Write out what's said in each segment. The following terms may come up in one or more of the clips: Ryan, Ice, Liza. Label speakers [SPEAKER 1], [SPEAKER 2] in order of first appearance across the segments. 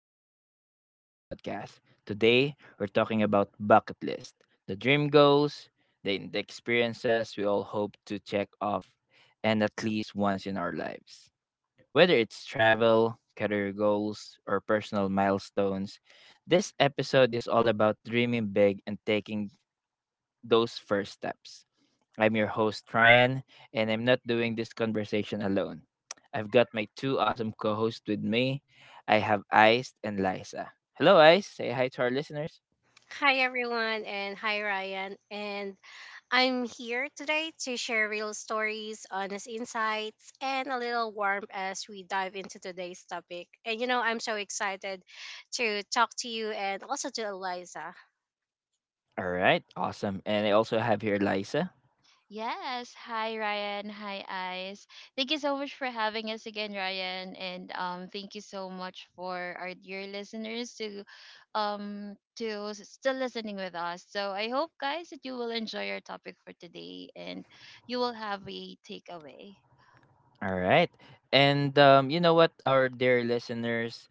[SPEAKER 1] welcome back to the podcast. Today, we're talking about bucket list, the dream goals, the experiences we all hope to check off and at least once in our lives. Whether it's travel, career goals, or personal milestones, this episode is all about dreaming big and taking those first steps. I'm your host, Ryan, and I'm not doing this conversation alone. I've got my two awesome co hosts with me. I have Ice and Liza. Hello, Ice. Say hi to our listeners.
[SPEAKER 2] Hi everyone and hi Ryan and I'm here today to share real stories, honest insights and a little warmth as we dive into today's topic. And I'm so excited to talk to you and also to Eliza.
[SPEAKER 1] All right, awesome. And I also have here Liza.
[SPEAKER 3] Yes. Hi, Ryan. Hi, Ice. Thank you so much for having us again, Ryan. And thank you so much for our dear listeners to still listening with us. So I hope, guys, that you will enjoy our topic for today and you will have a takeaway.
[SPEAKER 1] All right. And our dear listeners,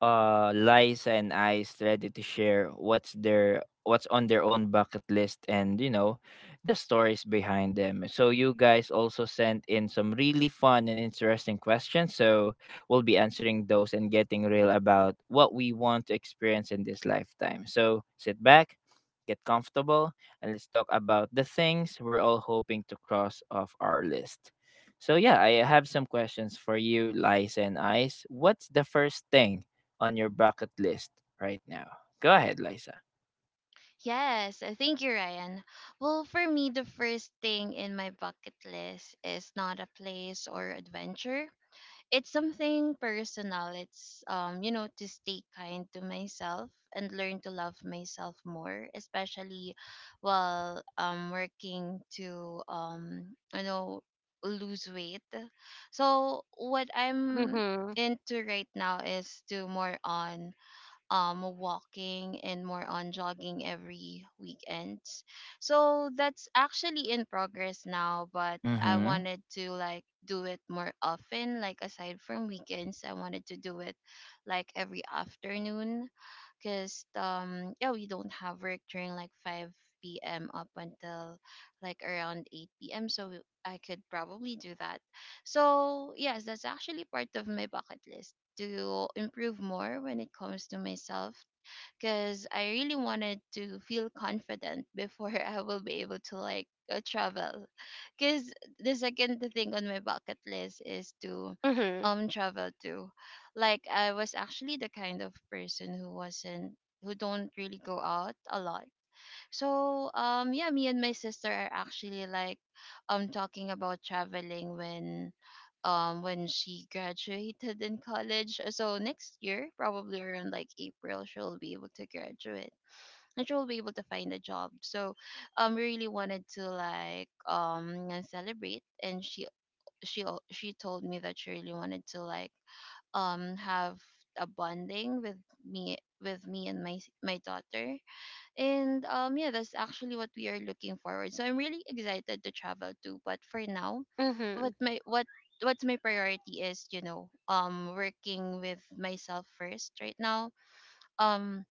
[SPEAKER 1] Liza and Ice ready to share what's their what's on their own bucket list and the stories behind them. So you guys also sent in some really fun and interesting questions. So we'll be answering those and getting real about what we want to experience in this lifetime. So sit back, get comfortable, and let's talk about the things we're all hoping to cross off our list. So yeah, I have some questions for you, Lice and Ice. What's the first thing on your bucket list right now? Go ahead, Liza.
[SPEAKER 3] Yes, thank you, Ryan. Well, for me, the first thing in my bucket list is not a place or adventure. It's something personal. It's to stay kind to myself and learn to love myself more, especially while working to lose weight. So what I'm
[SPEAKER 2] Mhm.
[SPEAKER 3] into right now is to more on walking and more on jogging every weekends. So that's actually in progress now, but I
[SPEAKER 1] Mm-hmm.
[SPEAKER 3] wanted to like do it more often. Like aside from weekends, I wanted to do it like every afternoon because yeah, we don't have work during like 5 p.m up until like around 8 p.m, so I could probably do that. So yes, that's actually part of my bucket list, to improve more when it comes to myself because I really wanted to feel confident before I will be able to like travel. Because the second thing on my bucket list is to
[SPEAKER 2] Mhm.
[SPEAKER 3] travel too. Like I was actually the kind of person who don't really go out a lot, so yeah, me and my sister are actually like talking about traveling when when she graduated in college. So next year, probably around like April, she'll be able to graduate. And she'll be able to find a job. So we really wanted to like celebrate, and she told me that she really wanted to like have a bonding with me, with me and my daughter. And yeah, that's actually what we are looking forward. So I'm really excited to travel too. But for now, what
[SPEAKER 2] Mhm.
[SPEAKER 3] my what's my priority is, you know, working with myself first right now. Um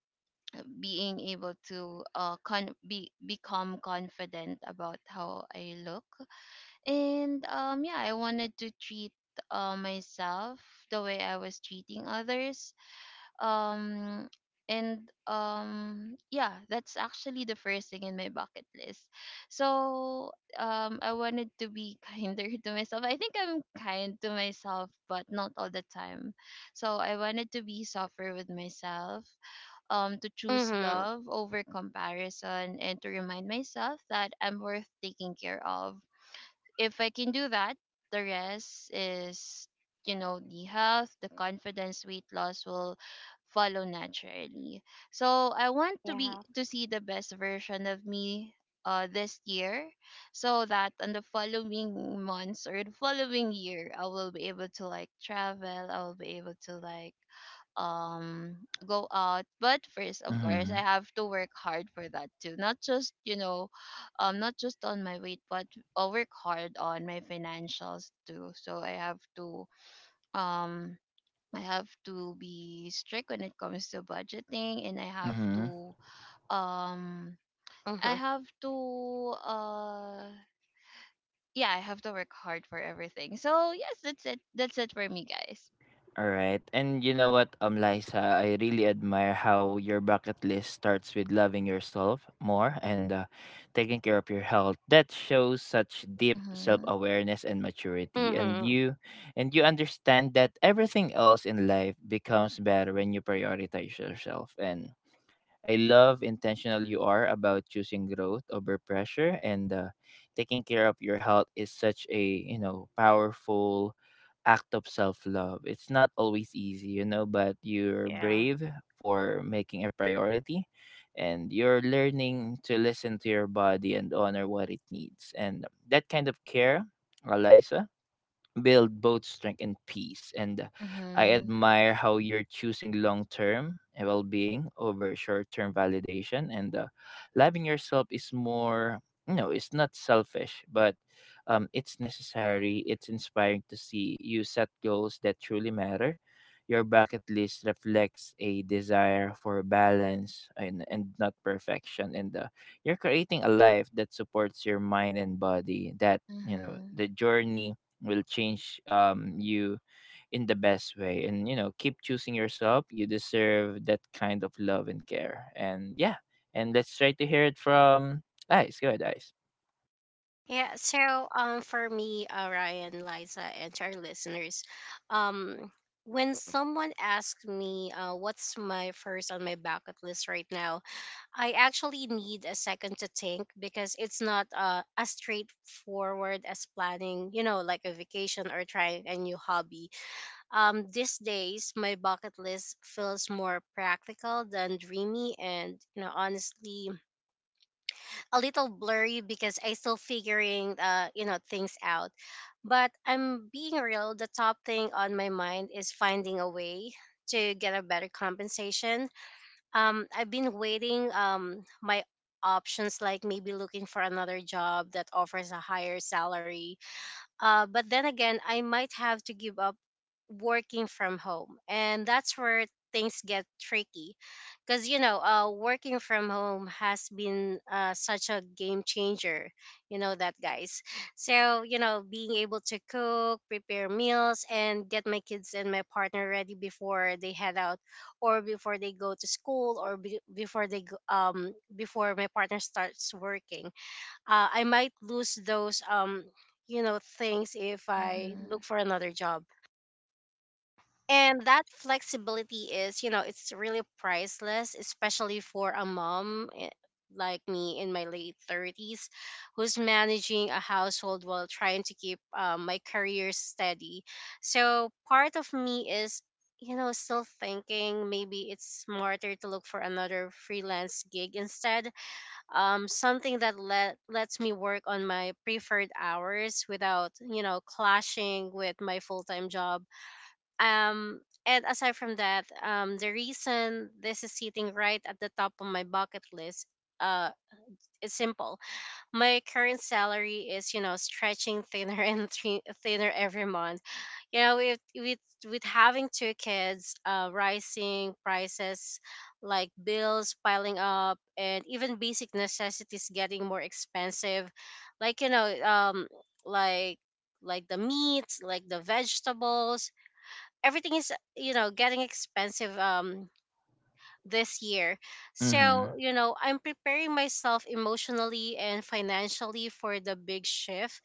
[SPEAKER 3] Being able to be become confident about how I look. And yeah, I wanted to treat myself the way I was treating others, um and yeah, that's actually the first thing in my bucket list. So I wanted to be kinder to myself. I think I'm kind to myself, but not all the time. So I wanted to be softer with myself, to choose
[SPEAKER 2] Mhm.
[SPEAKER 3] love over comparison, and to remind myself that I'm worth taking care of. If I can do that, the rest is, you know, the health, the confidence, weight loss will follow naturally. So I want to be
[SPEAKER 2] Yeah.
[SPEAKER 3] to see the best version of me this year, so that on the following months or the following year I will be able to like travel, I will be able to like um go out. But first of course I
[SPEAKER 1] Mm-hmm.
[SPEAKER 3] have to work hard for that too, not just not just on my weight, but work hard on my financials too. So I have to um be strict when it comes to budgeting, and I have
[SPEAKER 1] Mm-hmm.
[SPEAKER 3] to um I
[SPEAKER 2] Mhm.
[SPEAKER 3] have to uh yeah, I have to work hard for everything. So yes, that's it. That's it for me, guys.
[SPEAKER 1] All right. And Liza, I really admire how your bucket list starts with loving yourself more and taking care of your health. That shows such deep
[SPEAKER 3] Mhm.
[SPEAKER 1] self-awareness and maturity. And
[SPEAKER 2] Mhm.
[SPEAKER 1] you, and you understand that everything else in life becomes better when you prioritize yourself and I love intentional you are about choosing growth over pressure and taking care of your health is such a powerful act of self-love. It's not always easy, you know, but you're
[SPEAKER 2] Yeah.
[SPEAKER 1] brave for making a priority and you're learning to listen to your body and honor what it needs. And that kind of care, Eliza, build both strength and peace. And I
[SPEAKER 3] Mhm.
[SPEAKER 1] admire how you're choosing long term well being over short term validation. And loving yourself is more, it's not selfish, but it's necessary. It's inspiring to see you set goals that truly matter. Your bucket list reflects a desire for balance and not perfection. And you're creating a life that supports your mind and body, that,
[SPEAKER 3] Mhm.
[SPEAKER 1] the journey will change you in the best way and keep choosing yourself, you deserve that kind of love and care. And yeah, and let's try to hear it from Ice. Go ahead, Ice.
[SPEAKER 2] Yeah, so for me, Ryan, Liza, and to our listeners, um when someone asks me what's my first on my bucket list right now, I actually need a second to think because it's not as straightforward as planning, like a vacation or trying a new hobby. These days, my bucket list feels more practical than dreamy, and honestly, a little blurry because I still figuring things out. But I'm being real, the top thing on my mind is finding a way to get a better compensation. I've been waiting my options, like maybe looking for another job that offers a higher salary. But then again, I might have to give up working from home, and that's where things get tricky, because working from home has been such a game changer, that guys. So being able to cook, prepare meals, and get my kids and my partner ready before they head out, or before they go to school, or before they go, before my partner starts working, I might lose those things if I look
[SPEAKER 3] Mhm.
[SPEAKER 2] for another job. And that flexibility is, you know it's really priceless, especially for a mom, like me in my late 30s, who's managing a household while trying to keep my career steady. So part of me is still thinking maybe it's smarter to look for another freelance gig instead, something that lets me work on my preferred hours without clashing with my full-time job. um, and aside from that, the reason this is sitting right at the top of my bucket list, uh, is simple. My current salary is, stretching thinner and thinner every month. With having two kids, rising prices, like bills piling up, and even basic necessities getting more expensive, like you know, um, like like the meats, like the vegetables. Everything is getting expensive this year.
[SPEAKER 1] Mm-hmm.
[SPEAKER 2] So I'm preparing myself emotionally and financially for the big shift,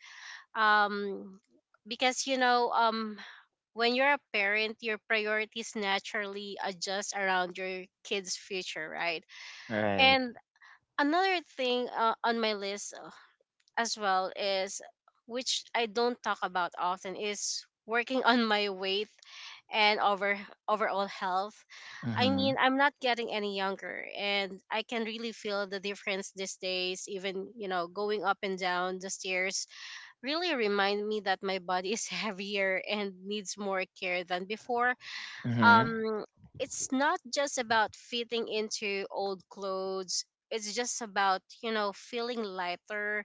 [SPEAKER 2] um because when you're a parent, your priorities naturally adjust around your kids future, right?
[SPEAKER 1] Right.
[SPEAKER 2] And another thing on my list as well, is which I don't talk about often, is working on my weight and overall health. I mean,
[SPEAKER 1] Mm-hmm.
[SPEAKER 2] I'm not getting any younger, and I can really feel the difference these days. Even, going up and down the stairs really remind me that my body is heavier and needs more care than before.
[SPEAKER 1] Mm-hmm.
[SPEAKER 2] um it's not just about fitting into old clothes, it's just about feeling lighter,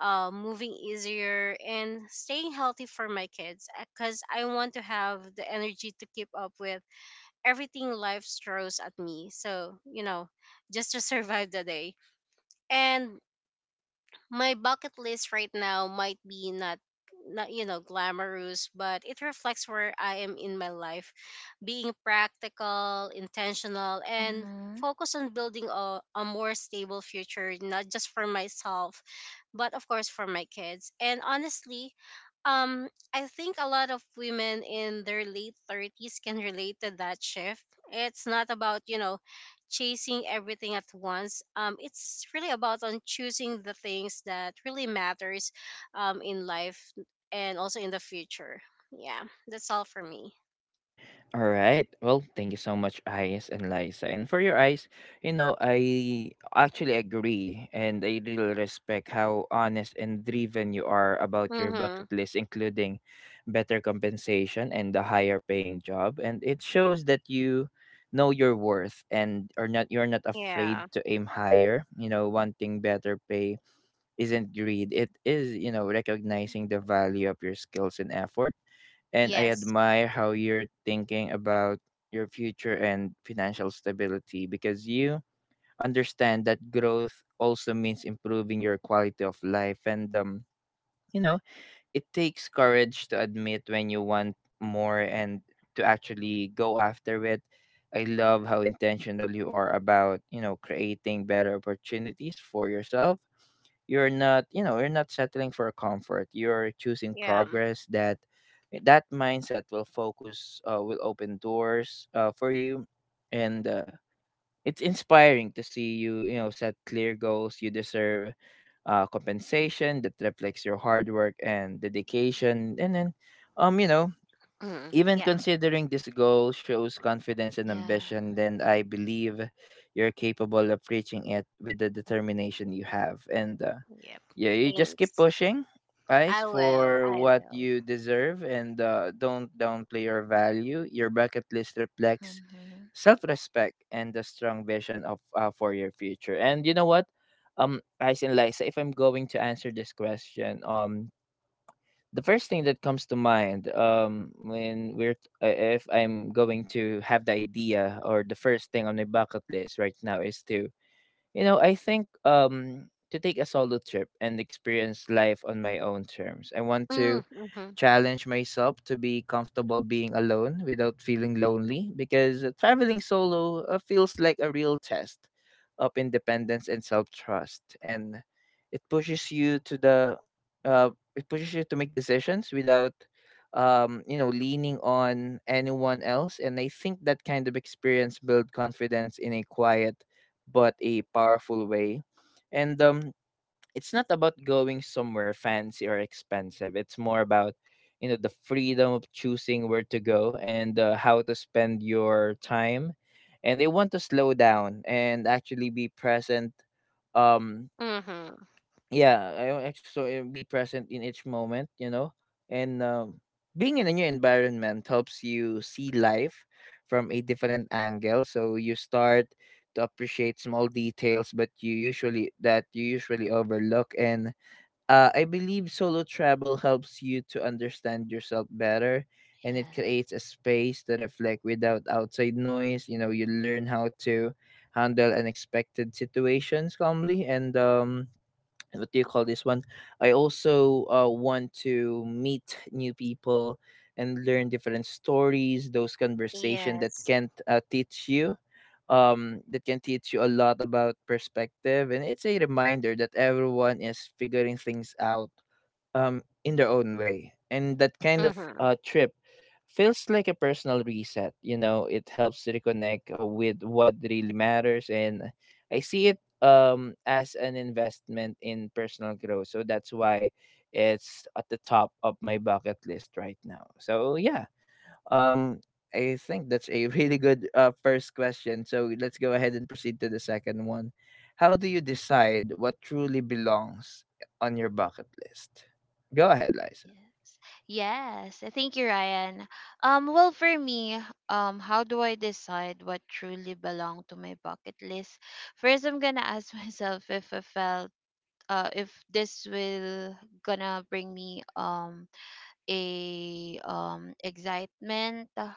[SPEAKER 2] moving easier, and staying healthy for my kids, because I want to have the energy to keep up with everything life throws at me. So just to survive the day. And my bucket list right now might be not glamorous, but it reflects where I am in my life, being practical, intentional, and
[SPEAKER 3] Mhm.
[SPEAKER 2] focused on building a more stable future, not just for myself but of course for my kids. And honestly, um I think a lot of women in their late 30s can relate to that shift. It's not about chasing everything at once. It's really about on choosing the things that really matters, in life and also in the future. Yeah, that's all for me.
[SPEAKER 1] All right. Well, thank you so much, Ice and Liza. And for your eyes, you know, I actually agree and I really respect how honest and driven you are about your
[SPEAKER 2] Mm-hmm.
[SPEAKER 1] bucket list, including better compensation and the higher paying job. And it shows that you know your worth and are not you're not
[SPEAKER 2] Yeah.
[SPEAKER 1] afraid to aim higher. You know, wanting better pay isn't greed. It is, recognizing the value of your skills and effort and I
[SPEAKER 2] Yes.
[SPEAKER 1] admire how you're thinking about your future and financial stability because you understand that growth also means improving your quality of life and you know it takes courage to admit when you want more and to actually go after it. I love how intentional you are about, creating better opportunities for yourself. You're not settling for comfort. You're choosing
[SPEAKER 2] Yeah.
[SPEAKER 1] progress, that mindset will focus will open doors for you and it's inspiring to see you, you know, set clear goals. You deserve compensation that reflects your hard work and dedication. And then, you know,
[SPEAKER 2] Hmm.
[SPEAKER 1] even
[SPEAKER 2] Yeah.
[SPEAKER 1] considering this goal shows confidence and
[SPEAKER 3] Yeah.
[SPEAKER 1] ambition, then I believe you're capable of reaching it with the determination you have. And
[SPEAKER 2] Yep.
[SPEAKER 1] yeah, you just keep
[SPEAKER 2] Thanks.
[SPEAKER 1] pushing, guys,
[SPEAKER 2] I will.
[SPEAKER 1] for
[SPEAKER 2] I
[SPEAKER 1] what
[SPEAKER 2] will.
[SPEAKER 1] you deserve and don't downplay your value. Your bucket list reflects
[SPEAKER 3] Mhm.
[SPEAKER 1] self-respect and a strong vision of for your future. And you know what? Guys and Liza, if I'm going to answer this question, the first thing that comes to mind, when if I'm going to have the idea or the first thing on my bucket list right now is to, you know, I think to take a solo trip and experience life on my own terms. I want
[SPEAKER 2] Mm.
[SPEAKER 1] to
[SPEAKER 2] Mm-hmm.
[SPEAKER 1] challenge myself to be comfortable being alone without feeling lonely because traveling solo feels like a real test of independence and self-trust and it pushes you to the uh, it pushes you to make decisions without you know leaning on anyone else and I think that kind of experience build confidence in a quiet but a powerful way and it's not about going somewhere fancy or expensive. It's more about, the freedom of choosing where to go and how to spend your time. And they want to slow down and actually be present. Um,
[SPEAKER 2] Mm-hmm.
[SPEAKER 1] yeah, I want be present in each moment. You know, and being in a new environment helps you see life from a different angle. So you start to appreciate small details, but you usually that you usually overlook and I believe solo travel helps you to understand yourself better and it creates
[SPEAKER 3] Yeah.
[SPEAKER 1] a space to reflect without outside noise. You know, you learn how to handle unexpected situations calmly and what do you call this one? I also want to meet new people and learn different stories, those conversation that
[SPEAKER 2] Yes.
[SPEAKER 1] can't teach you, that can teach you a lot about perspective. And it's a reminder that everyone is figuring things out in their own way. And that kind of
[SPEAKER 2] Mm-hmm.
[SPEAKER 1] trip feels like a personal reset. You know, it helps to reconnect with what really matters. And I see it as an investment in personal growth. So that's why it's at the top of my bucket list right now. So, yeah. Um, I think that's a really good first question. So let's go ahead and proceed to the second one. How do you decide what truly belongs on your bucket list? Go ahead, Liza.
[SPEAKER 3] Yes. Yes. I Thank you, Ryan. Well, for me, how do I decide what truly belong to my bucket list? First, I'm gonna ask myself if I felt, if this will gonna bring me a excitement,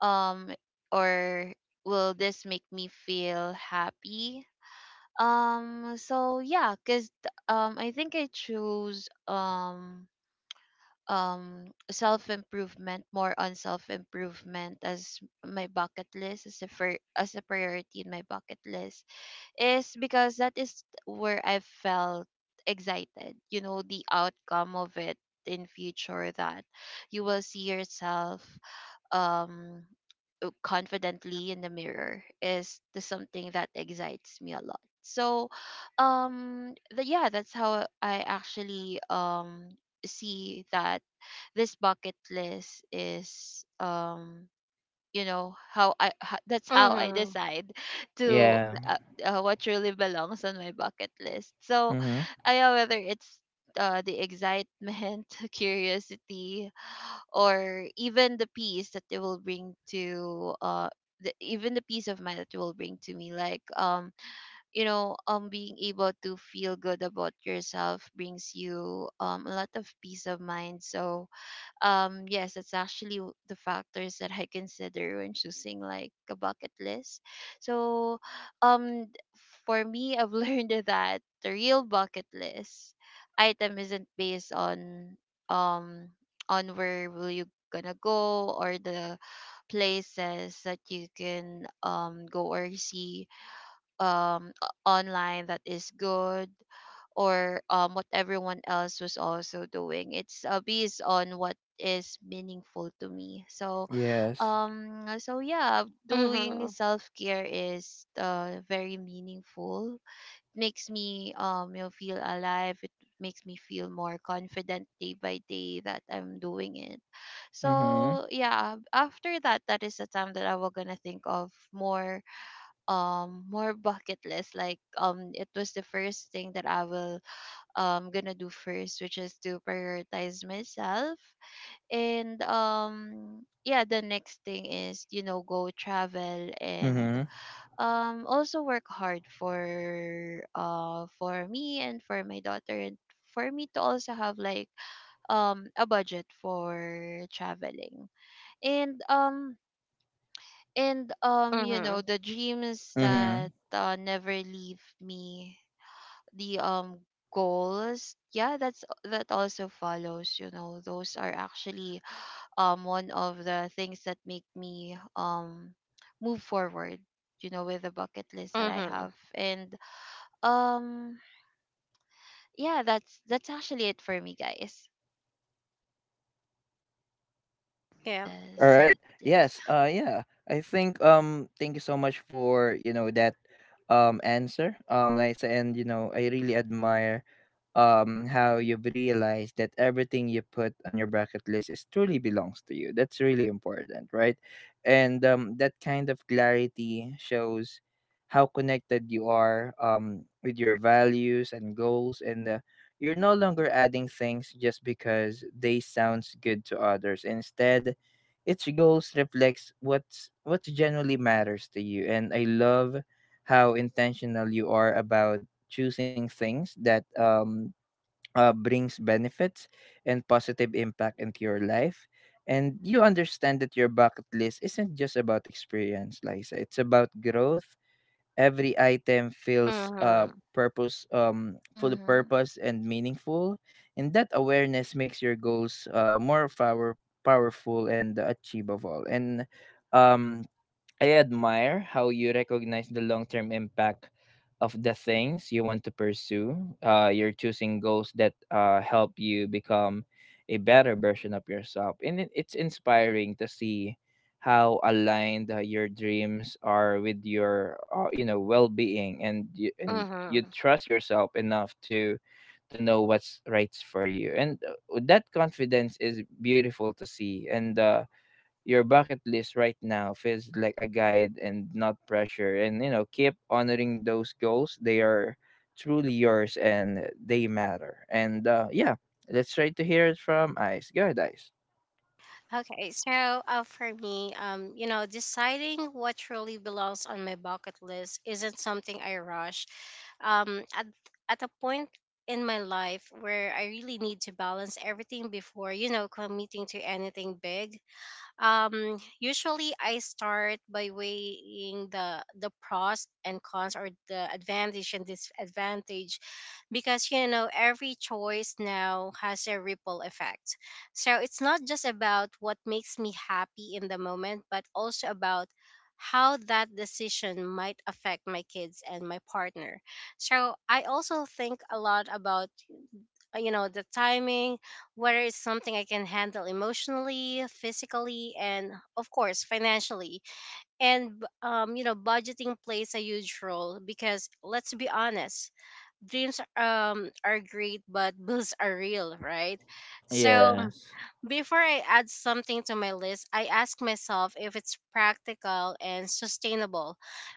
[SPEAKER 3] um, or will this make me feel happy? So yeah, cause I think I choose self improvement, more on self improvement as my bucket list, as as a priority in my bucket list, is because that is where I felt excited, you know, the outcome of it in future, that you will see yourself um confidently in the mirror, is the something that excites me a lot. So yeah, that's how I actually see that this bucket list is, you know, that's how I
[SPEAKER 2] Mm-hmm.
[SPEAKER 3] decide to
[SPEAKER 1] Yeah.
[SPEAKER 3] what really belongs on my bucket list. So
[SPEAKER 1] Mm-hmm.
[SPEAKER 3] I whether it's the excitement, curiosity, or even the peace that it will bring to even the peace of mind that it will bring to me. Like you know, being able to feel good about yourself brings you a lot of peace of mind. So yes, it's actually the factors that I consider when choosing like a bucket list. So um for me, I've learned that the real bucket list item isn't based um on where will you gonna go, or the places that you can go or see online that is good, or what everyone else was also doing. It's based on what is meaningful to me. So
[SPEAKER 1] Yes.
[SPEAKER 3] so yeah, doing
[SPEAKER 2] Mm-hmm.
[SPEAKER 3] self-care is very meaningful, makes me you know, feel alive. It makes me feel more confident day by day that I'm doing it.
[SPEAKER 1] Mm-hmm.
[SPEAKER 3] So yeah, after that, that is the time that I will gonna think of more more bucket list. Like it was the first thing that I will gonna do first, which is to prioritize myself. And yeah, the next thing is, you know, go travel, and
[SPEAKER 1] Mm-hmm.
[SPEAKER 3] also work hard for me and for my daughter, and for me to also have like a budget for traveling. And you
[SPEAKER 2] Mm-hmm.
[SPEAKER 3] know, the dreams that
[SPEAKER 1] Mm-hmm.
[SPEAKER 3] never leave me, the goals, yeah, that's that also follows, you know. Those are actually one of the things that make me move forward, you know, with the bucket list that I
[SPEAKER 2] Mm-hmm.
[SPEAKER 3] have. And um yeah, that's actually it for me, guys.
[SPEAKER 2] Yeah.
[SPEAKER 1] All
[SPEAKER 3] Yes.
[SPEAKER 1] right.
[SPEAKER 3] Yes. Yes.
[SPEAKER 1] Yes. Yeah. I think thank you so much for, that answer. Liza, and you know, I really admire how you've realized that everything you put on your bucket list is truly belongs to you, that's really important, right? And that kind of clarity shows how connected you are with your values and goals and you're no longer adding things just because they sounds good to others, instead its goals reflects what genuinely matters to you and I love how intentional you are about choosing things that brings benefits and positive impact into your life. And you understand that your bucket list isn't just about experience, Liza. It's about growth. Every item feels
[SPEAKER 2] Mm-hmm.
[SPEAKER 1] full of
[SPEAKER 3] Mhm.
[SPEAKER 1] purpose and meaningful. And that awareness makes your goals powerful and achievable. And um, I admire how you recognize the long term impact of the things you want to pursue. You're choosing goals that help you become a better version of yourself. And it's inspiring to see how aligned your dreams are with your you know well-being and you
[SPEAKER 2] Mm-hmm.
[SPEAKER 1] trust yourself enough to know what's right for you and that confidence is beautiful to see and your bucket list right now feels like a guide and not pressure. And, you know, keep honoring those goals. They are truly yours and they matter. And yeah, let's try to hear it from Ice. Go ahead, Ice.
[SPEAKER 2] Okay, so for me, deciding what truly belongs on my bucket list isn't something I rush. Um, at at a point in my life where I really need to balance everything before committing to anything big. Usually I start by weighing the pros and cons, or the advantage and disadvantage, because every choice now has a ripple effect. So it's not just about what makes me happy in the moment, but also about how that decision might affect my kids and my partner. So I also think a lot about, the timing, whether it's something I can handle emotionally, physically, and of course, financially. And budgeting plays a huge role, because let's be honest, dreams are great, but bills are real, right? So
[SPEAKER 1] Yes.
[SPEAKER 2] before I add something to my list, I ask myself if it's practical and sustainable,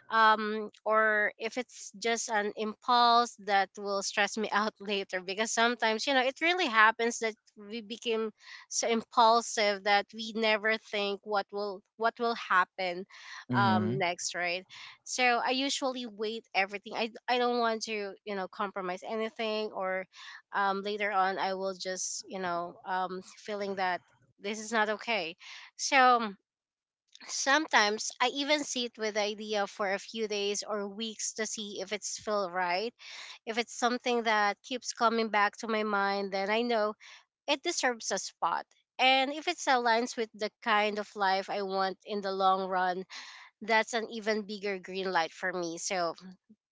[SPEAKER 2] or if it's just an impulse that will stress me out later. Because sometimes, it really happens that we became so impulsive that we never think what will happen
[SPEAKER 1] Mm hmm.
[SPEAKER 2] next, right? So I usually wait everything. I don't want to compromise anything, or later on I will just, feeling that this is not okay. So sometimes I even sit with the idea for a few days or weeks to see if it's feel right. If it's something that keeps coming back to my mind, then I know it deserves a spot. And if it aligns with the kind of life I want in the long run, that's an even bigger green light for me. So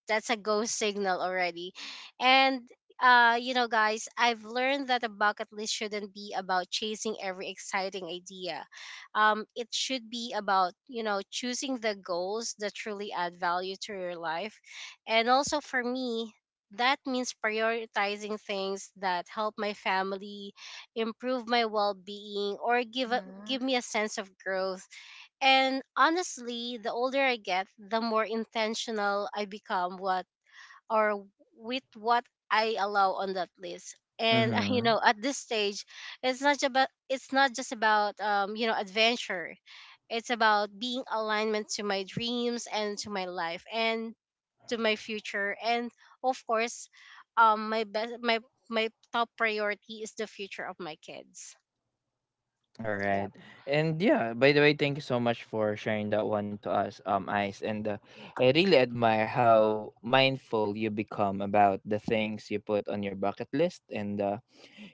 [SPEAKER 2] that's a go signal already. And guys, I've learned that a bucket list shouldn't be about chasing every exciting idea. It should be about, choosing the goals that truly add value to your life. And also for me, that means prioritizing things that help my family, improve my well-being, or give
[SPEAKER 3] Mhm.
[SPEAKER 2] me a sense of growth. And honestly, the older I get, the more intentional I become What or with what I allow on that list.
[SPEAKER 1] Mm
[SPEAKER 2] And
[SPEAKER 1] hmm.
[SPEAKER 2] at this stage, it's not just about adventure. It's about being alignment to my dreams and to my life and to my future. And of course, my best my my top priority is the future of my kids.
[SPEAKER 1] All
[SPEAKER 2] Yeah.
[SPEAKER 1] right. And yeah, by the way, thank you so much for sharing that one to us, Ice. And I really admire how mindful you become about the things you put on your bucket list. And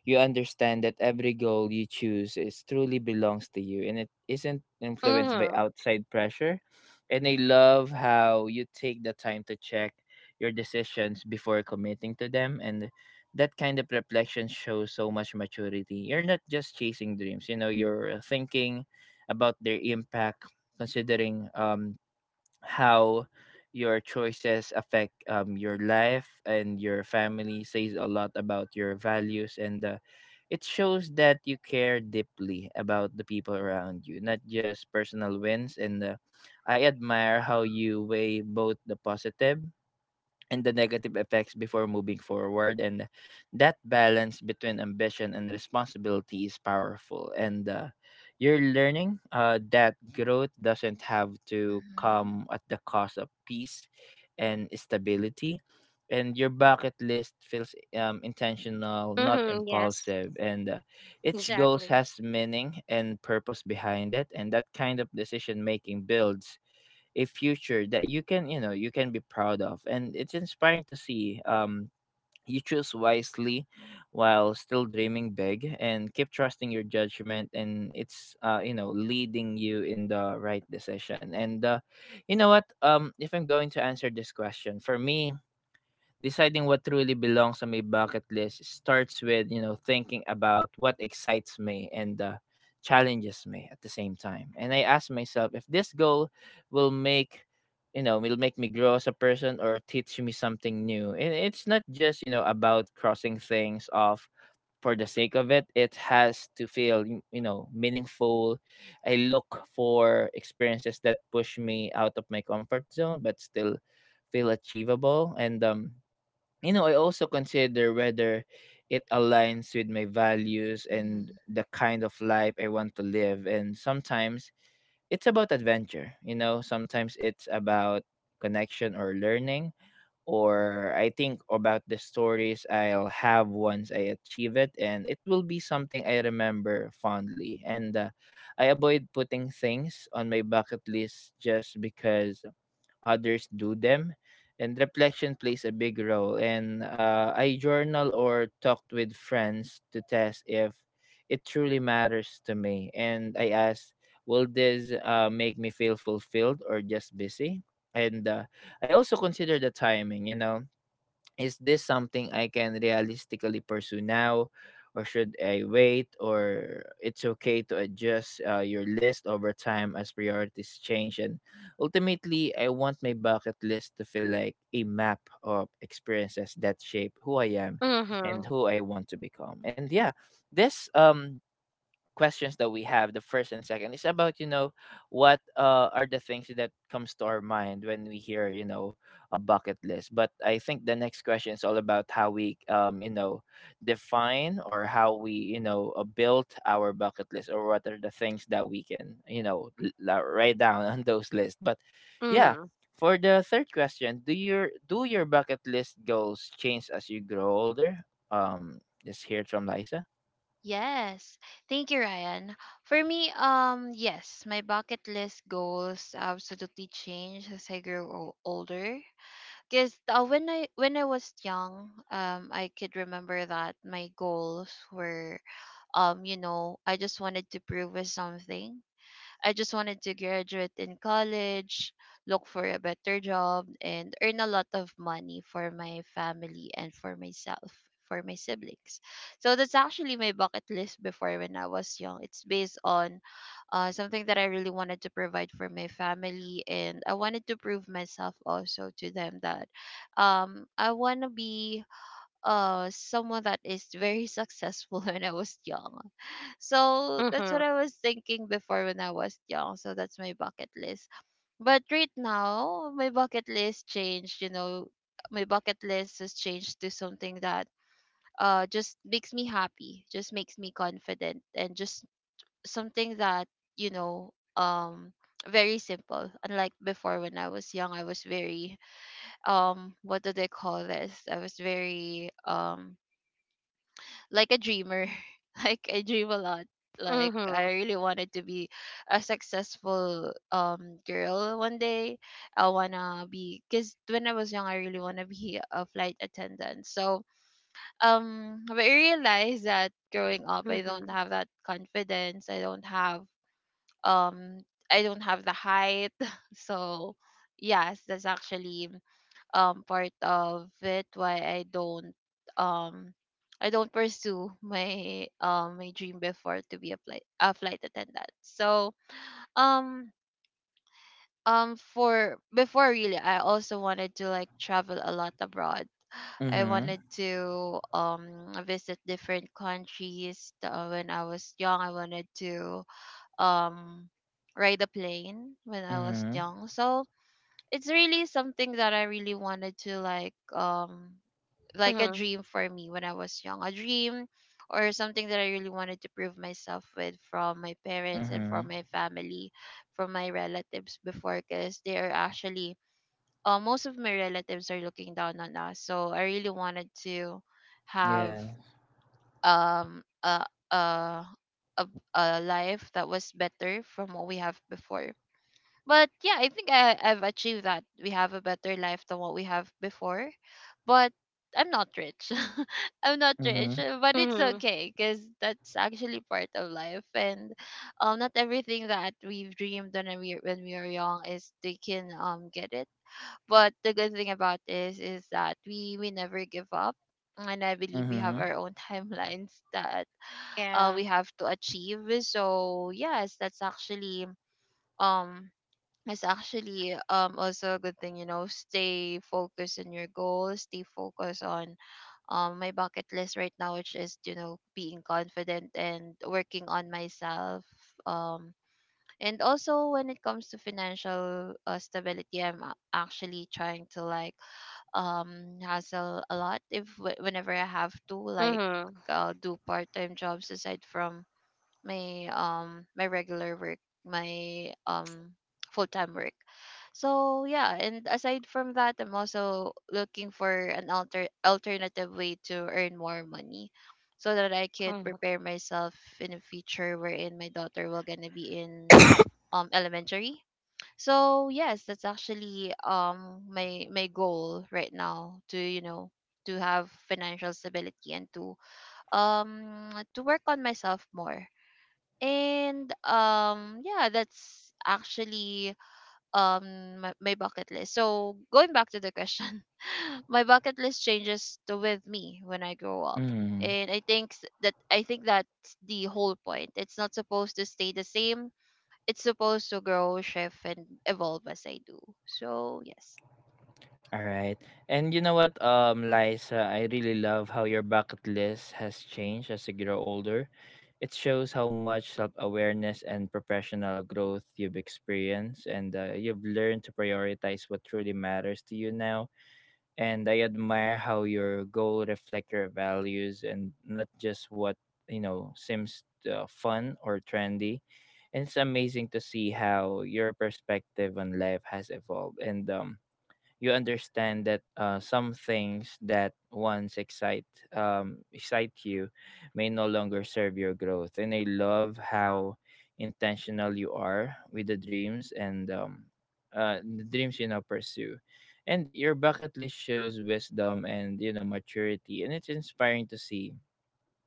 [SPEAKER 1] you understand that every goal you choose is truly belongs to you and it isn't influenced by
[SPEAKER 2] Mhm.
[SPEAKER 1] outside pressure. And I love how you take the time to check your decisions before committing to them and that kind of reflection shows so much maturity. You're not just chasing dreams, you know, you're thinking about their impact, considering how your choices affect your life and your family says a lot about your values and it shows that you care deeply about the people around you, not just personal wins. And I admire how you weigh both the positive and the negative effects before moving forward. And that balance between ambition and responsibility is powerful. And you're learning that growth doesn't have to
[SPEAKER 3] Mhm.
[SPEAKER 1] come at the cost of peace and stability. And your bucket list feels intentional, not
[SPEAKER 2] Mhm. Yes.
[SPEAKER 1] impulsive. And each goal
[SPEAKER 2] Exactly.
[SPEAKER 1] has meaning and purpose behind it. And that kind of decision making builds a future that you can be proud of, and it's inspiring to see you choose wisely while still dreaming big and keep trusting your judgment, and it's leading you in the right decision. And you know what, if I'm going to answer this question for me. Deciding what truly belongs on my bucket list starts with thinking about what excites me and challenges me at the same time. And I ask myself if this goal will make, will make me grow as a person or teach me something new. And it's not just about crossing things off for the sake of it. It has to feel meaningful. I look for experiences that push me out of my comfort zone but still feel achievable, and I also consider whether it aligns with my values and
[SPEAKER 3] Mhm.
[SPEAKER 1] the kind of life I want to live. And sometimes it's about adventure, sometimes it's about connection or learning, or I think about the stories I'll have once I achieve it, and it will be something I remember fondly. And I avoid putting things on my bucket list just because others do them. And reflection plays a big role. And I journal or talked with friends to test if it truly matters to me. And I ask, will this make me feel fulfilled or just busy? And I also consider the timing. Is this something I can realistically pursue now, or should I wait? Or it's okay to adjust your list over time as priorities change. And ultimately I want my bucket list to feel like a map of experiences that shape who I am and
[SPEAKER 2] Mhm.
[SPEAKER 1] who I want to become. And yeah, this questions that we have, the first and second, is about what are the things that comes to our mind when we hear a bucket list, but I think the next question is all about how we define or how we build our bucket list, or what are the things that we can write down on those lists. But yeah,
[SPEAKER 2] Mhm.
[SPEAKER 1] for the third question, do your bucket list goals change as you grow older? um just hear it from Liza.
[SPEAKER 3] Yes. Thank you, Ryan. For me, yes, my bucket list goals absolutely changed as I grew older. Because when I was young, I could remember that my goals were, you know, I just wanted to prove with something. I just wanted to graduate in college, look for a better job, and earn a lot of money for my family and for myself, for my siblings. So that's actually my bucket list before when I was young. It's based on something that I really wanted to provide for my family, and I wanted to prove myself also to them that I want to be someone that is very successful when I was young. So that's
[SPEAKER 2] Mhm.
[SPEAKER 3] what I was thinking before when I was young. So that's my bucket list. But right now, my bucket list changed, you know, my bucket list has changed to something that just makes me happy, just makes me confident, and just something that, you know, um very simple. Unlike before when I was young, I was very what do they call this? I was very like a dreamer. Like I dream a lot. Like
[SPEAKER 2] Mhm.
[SPEAKER 3] I really wanted to be a successful girl one day. I wanna be, because when I was young, I really wanna be a flight attendant. So but I realized that growing up, I don't
[SPEAKER 2] Mhm.
[SPEAKER 3] have that confidence. Um, I don't have the height. So yes, that's actually part of it why um I don't pursue my my dream before to be a flight attendant. So um for before really I also wanted to like travel a lot abroad. I
[SPEAKER 1] Mm-hmm,
[SPEAKER 3] wanted to visit different countries when I was young. I wanted to um ride a plane when I was
[SPEAKER 1] mm-hmm.
[SPEAKER 3] young. So it's really something that I really wanted to like a
[SPEAKER 2] Mhm.
[SPEAKER 3] dream for me when I was young. A dream, or something that I really wanted to prove myself with, from my parents and
[SPEAKER 1] Mhm.
[SPEAKER 3] from my family, from my relatives before, because they are actually most of my relatives are looking down on us. So I really wanted to have
[SPEAKER 1] Yeah.
[SPEAKER 3] um a a a, a life that was better from what we have before. But yeah, I think I've achieved that. We have a better life than what we have before. But I'm not rich. I'm not rich,
[SPEAKER 1] Mhm.
[SPEAKER 3] but it's
[SPEAKER 2] Mhm.
[SPEAKER 3] okay because that's actually part of life. And not everything that we've dreamed when we were young is they can get it. But the good thing about this is that we never give up. And I believe we have
[SPEAKER 1] Mhm.
[SPEAKER 3] our own timelines that
[SPEAKER 2] Yeah.
[SPEAKER 3] we have to achieve. So yes, that's actually um it's actually also a good thing. Stay focused on your goals, stay focused on my bucket list right now, which is being confident and working on myself, um and also when it comes to financial stability. I'm actually trying to like hustle a lot if whenever I have to like
[SPEAKER 2] Mhm.
[SPEAKER 3] do part-time jobs aside from my regular work, my full-time work. So yeah, and aside from that, I'm also looking for an alternative way to earn more money so that I could
[SPEAKER 2] Mhm.
[SPEAKER 3] prepare myself in the future wherein my daughter will gonna be in elementary. So yes, that's actually my goal right now to have financial stability, and to work on myself more, and yeah, that's actually my bucket list. So going back to the question, my bucket list changes to with me when I grow up.
[SPEAKER 1] Mm.
[SPEAKER 3] And I think that's the whole point. It's not supposed to stay the same. It's supposed to grow, shift, and evolve as I do. So yes,
[SPEAKER 1] All right. And you know what, Liza, I really love how your bucket list has changed as you grow older. It shows how much self awareness and professional growth you've experienced, and you've learned to prioritize what truly matters to you now. And I admire how your goal reflect your values and not just what seems fun or trendy. And it's amazing to see how your perspective on life has evolved. And you understand that some things that once excite you may no longer serve your growth. And I love how intentional you are with the dreams you now pursue. And your bucket list shows wisdom and maturity, and it's inspiring to see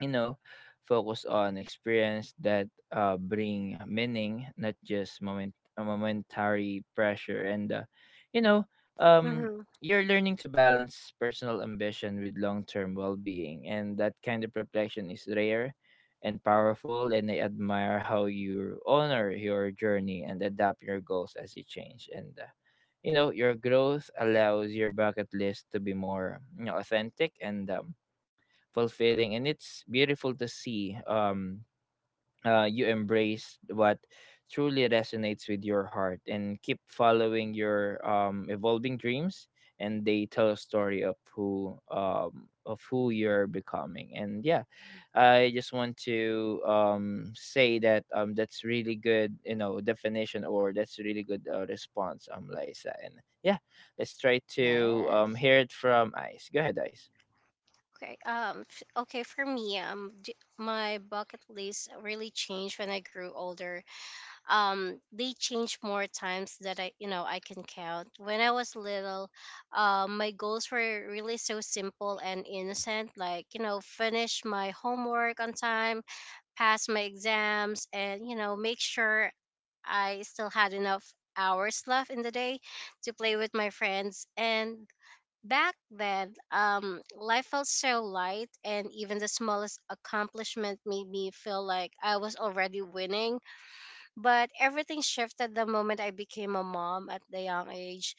[SPEAKER 1] you know focus on experience that bring meaning, not just momentary pressure. And you know um
[SPEAKER 2] Mhm.
[SPEAKER 1] you're learning to balance personal ambition with long-term well-being, and that kind of reflection is rare and powerful. And I admire how you honor your journey and adapt your goals as you change. And your growth allows your bucket list to be more authentic and fulfilling. And it's beautiful to see you embrace what truly resonates with your heart and keep following your evolving dreams, and they tell a story of who you're becoming. And yeah, I just want to say that that's really good definition, or that's really good response, Liza. And yeah, let's try to
[SPEAKER 3] yes.
[SPEAKER 1] hear it from Ice. Go ahead, Ice.
[SPEAKER 2] Okay. Okay. For me, my bucket list really changed when I grew older. They changed more times that I can count. When I was little, my goals were really so simple and innocent, like finish my homework on time, pass my exams, and make sure I still had enough hours left in the day to play with my friends. And back then, life felt so light, and even the smallest accomplishment made me feel like I was already winning. But everything shifted the moment I became a mom at the young age.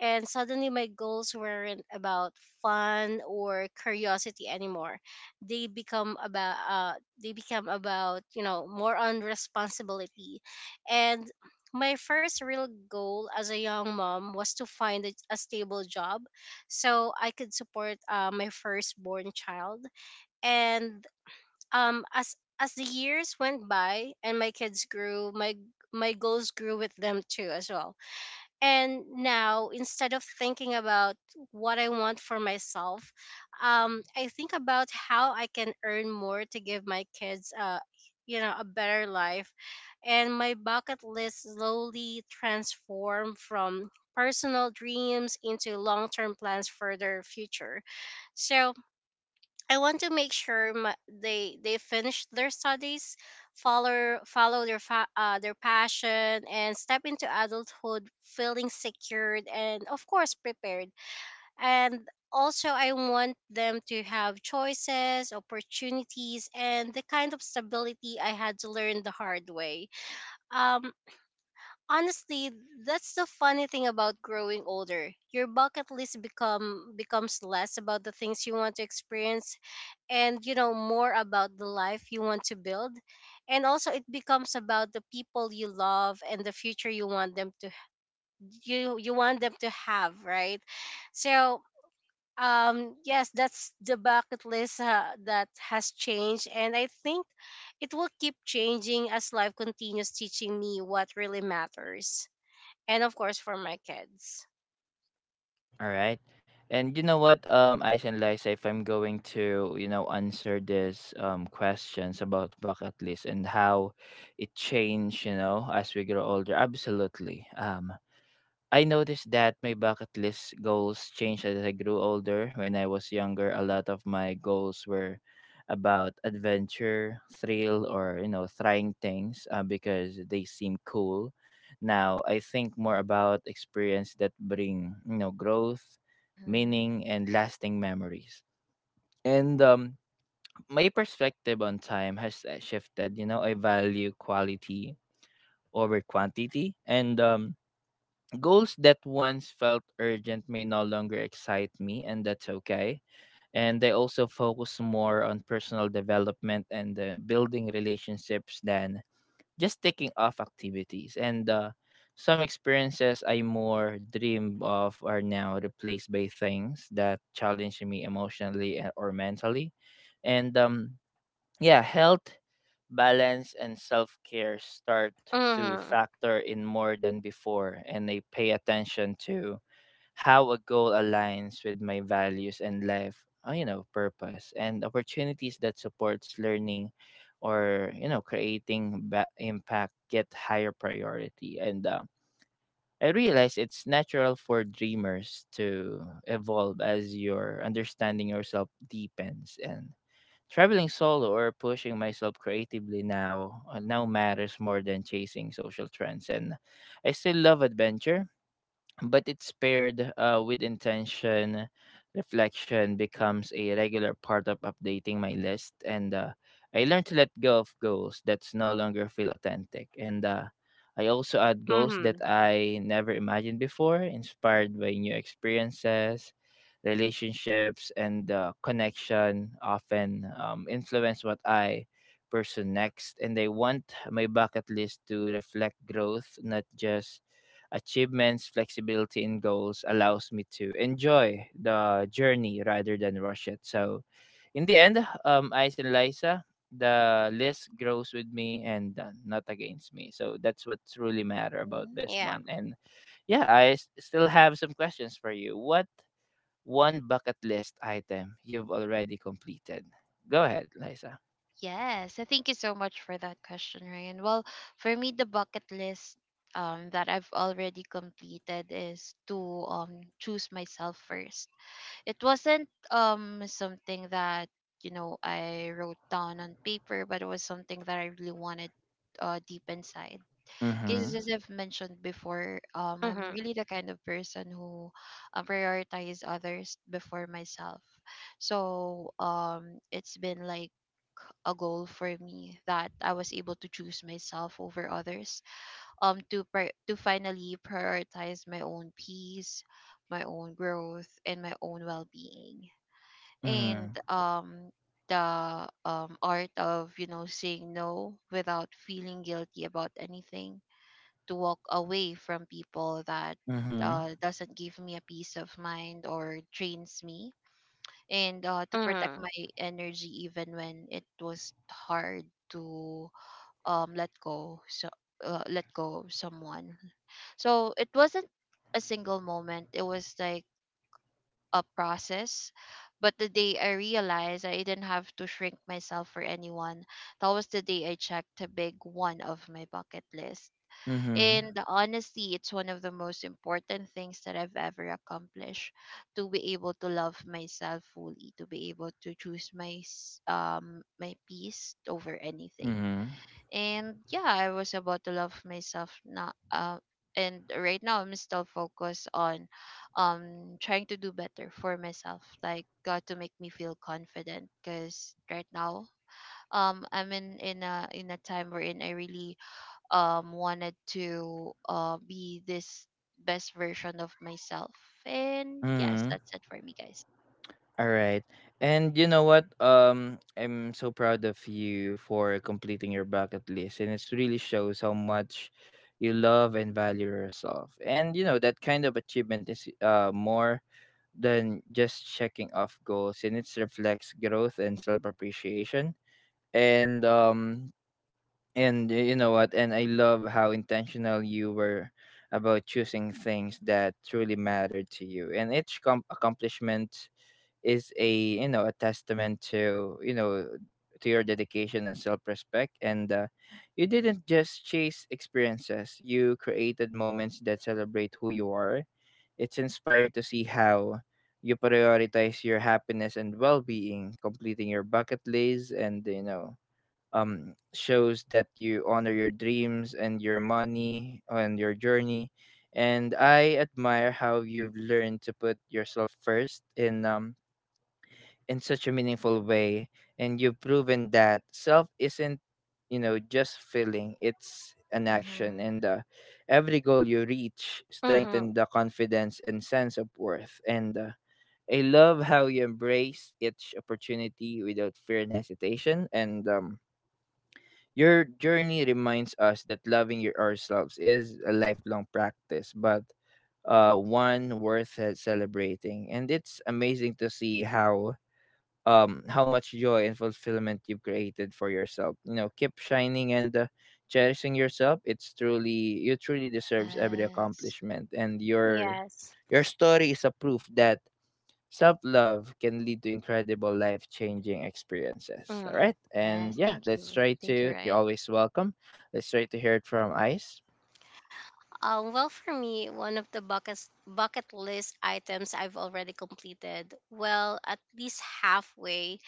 [SPEAKER 2] And suddenly my goals weren't about fun or curiosity anymore. They become about uh they become about, more on responsibility. And my first real goal as a young mom was to find a stable job so I could support my firstborn child. And as the years went by and my kids grew, my goals grew with them too as well. And now, instead of thinking about what I want for myself, I think about how I can earn more to give my kids a better life. And my bucket list slowly transformed from personal dreams into long-term plans for their future. So I want to make sure my, they finish their studies, follow their their passion, and step into adulthood feeling secured and of course prepared. And also, I want them to have choices, opportunities, and the kind of stability I had to learn the hard way. Um, Honestly, that's the funny thing about growing older. Your bucket list becomes less about the things you want to experience, and more about the life you want to build, and also it becomes about the people you love and the future you want them to have, right? So yes, that's the bucket list that has changed, and I think it will keep changing as life continues teaching me what really matters, and of course for my kids.
[SPEAKER 1] All right. And you know what, Ice and Liza, if I'm going to answer these questions about bucket list and how it changed, as we grow older, absolutely. I noticed that my bucket list goals changed as I grew older. When I was younger, a lot of my goals were about adventure, thrill, or trying things because they seem cool. Now I think more about experience that bring growth,
[SPEAKER 3] Mm-hmm.
[SPEAKER 1] meaning, and lasting memories. And my perspective on time has shifted. I value quality over quantity, and goals that once felt urgent may no longer excite me, and that's okay. And I also focus more on personal development and building relationships than just taking off activities. And some experiences I more dream of are now replaced by things that challenge me emotionally or mentally. And yeah, health, balance, and self care start to
[SPEAKER 2] Mhm.
[SPEAKER 1] factor in more than before, and I pay attention to how a goal aligns with my values and life, purpose, and opportunities that supports learning or creating impact get higher priority. And I realize it's natural for dreamers to evolve as your understanding yourself deepens. And traveling solo or pushing myself creatively now matters more than chasing social trends, and I still love adventure, but it's paired with intention. Reflection becomes a regular part of updating my list, and I learn to let go of goals that no longer feel authentic. And I also add goals that
[SPEAKER 2] Mhm.
[SPEAKER 1] I never imagined before, inspired by new experiences, relationships, and connection often influence what I pursue next. And I want my bucket list to reflect growth, not just achievements. Flexibility in goals allows me to enjoy the journey rather than rush it. So in the end, Ice and Liza, the list grows with me and not against me. So that's what truly matter about this
[SPEAKER 2] Yeah.
[SPEAKER 1] one. And yeah, I still have some questions for you. What one bucket list item you've already completed? Go ahead, Liza.
[SPEAKER 3] Yes, thank you so much for that question, Ryan. Well, for me, the bucket list that I've already completed is to choose myself first. It wasn't something that I wrote down on paper, but it was something that I really wanted, deep inside,
[SPEAKER 1] Mm-hmm.
[SPEAKER 3] because as I've mentioned before, I'm
[SPEAKER 2] Mhm.
[SPEAKER 3] really the kind of person who prioritize others before myself. So it's been like a goal for me that I was able to choose myself over others. To finally prioritize my own peace, my own growth, and my own well-being. And
[SPEAKER 1] Mm-hmm.
[SPEAKER 3] the art of saying no without feeling guilty about anything, to walk away from people that
[SPEAKER 1] Mm-hmm.
[SPEAKER 3] doesn't give me a peace of mind or drains me, and to protect
[SPEAKER 2] Mhm.
[SPEAKER 3] my energy even when it was hard to let go, so let go of someone. So it wasn't a single moment, it was like a process, but the day I realized I didn't have to shrink myself for anyone, that was the day I checked a big one of my bucket list.
[SPEAKER 1] Mm-hmm.
[SPEAKER 3] And honestly, it's one of the most important things that I've ever accomplished, to be able to love myself fully, to be able to choose my peace over anything.
[SPEAKER 1] Mm-hmm.
[SPEAKER 3] And yeah, I was about to love myself now. And right now, I'm still focused on trying to do better for myself. Like, got to make me feel confident, because right now, I'm in a time wherein I really wanted to be this best version of myself. And yes, that's it for me, guys.
[SPEAKER 1] All right. And you know what? I'm so proud of you for completing your bucket list, and it really shows how much you love and value yourself. And that kind of achievement is more than just checking off goals, and it reflects growth and self appreciation. And and you know what? And I love how intentional you were about choosing things that truly mattered to you, and each accomplishment is a testament to your dedication and self-respect. And you didn't just chase experiences. You created moments that celebrate who you are. It's inspiring to see how you prioritize your happiness and well-being. Completing your bucket list and you know shows that you honor your dreams and your money and your journey. And I admire how you've learned to put yourself first in such a meaningful way. And you've proven that self isn't just feeling, it's an action.
[SPEAKER 3] Mm-hmm.
[SPEAKER 1] And every goal you reach
[SPEAKER 2] Mhm.
[SPEAKER 1] strengthen the confidence and sense of worth. And I love how you embrace each opportunity without fear and hesitation. And your journey reminds us that loving your ourselves is a lifelong practice, but one worth celebrating. And it's amazing to see how much joy and fulfillment you've created for yourself. You know, keep shining and cherishing yourself. It's truly you truly deserves every
[SPEAKER 3] Yes,
[SPEAKER 1] accomplishment, and your
[SPEAKER 2] Yes.
[SPEAKER 1] your story is a proof that self-love can lead to incredible life-changing experiences. All
[SPEAKER 2] Mhm.
[SPEAKER 1] right. And
[SPEAKER 3] yes,
[SPEAKER 1] yeah,
[SPEAKER 3] thank you,
[SPEAKER 1] let's try
[SPEAKER 3] thank you,
[SPEAKER 1] to
[SPEAKER 3] Ryan.
[SPEAKER 1] you're always welcome. Let's try to hear it from Ice.
[SPEAKER 2] Well, for me, one of the bucket list items I've already completed, well, at least halfway,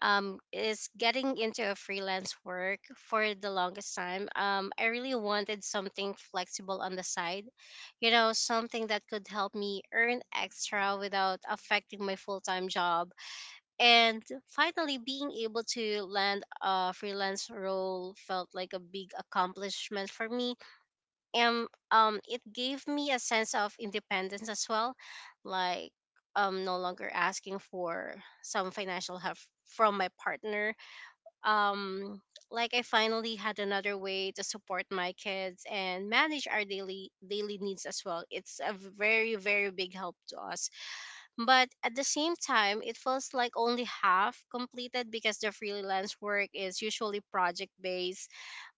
[SPEAKER 2] is getting into a freelance work for the longest time. I really wanted something flexible on the side, you know, something that could help me earn extra without affecting my full time job. And finally, being able to land a freelance role felt like a big accomplishment for me, and it gave me a sense of independence as well, like no longer asking for some financial help from my partner. um like I finally had another way to support my kids and manage our daily needs as well. It's a very, very big help to us, but at the same time it feels like only half completed because the freelance work is usually project based.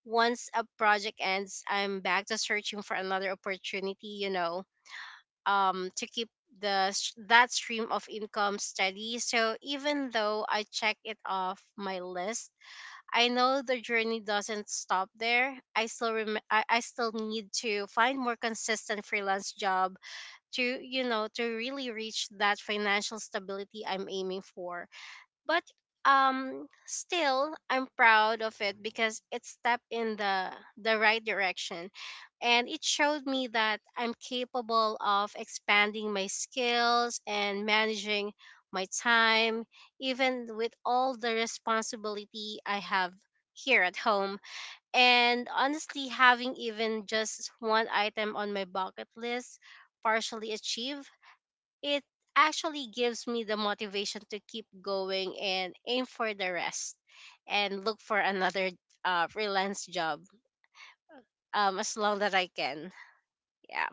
[SPEAKER 2] Once a project ends, I'm back to searching for another opportunity, you know, to keep that stream of income steady. So even though I check it off my list, I know the journey doesn't stop there. I still need to find more consistent freelance job to, you know, to really reach that financial stability I'm aiming for. But still, I'm proud of it because it stepped in the right direction, and it showed me that I'm capable of expanding my skills and managing my time even with all the responsibility I have here at home. And honestly, having even just one item on my bucket list partially achieved, it actually gives me the motivation to keep going and aim for the rest and look for another freelance job as long that I can. Yeah.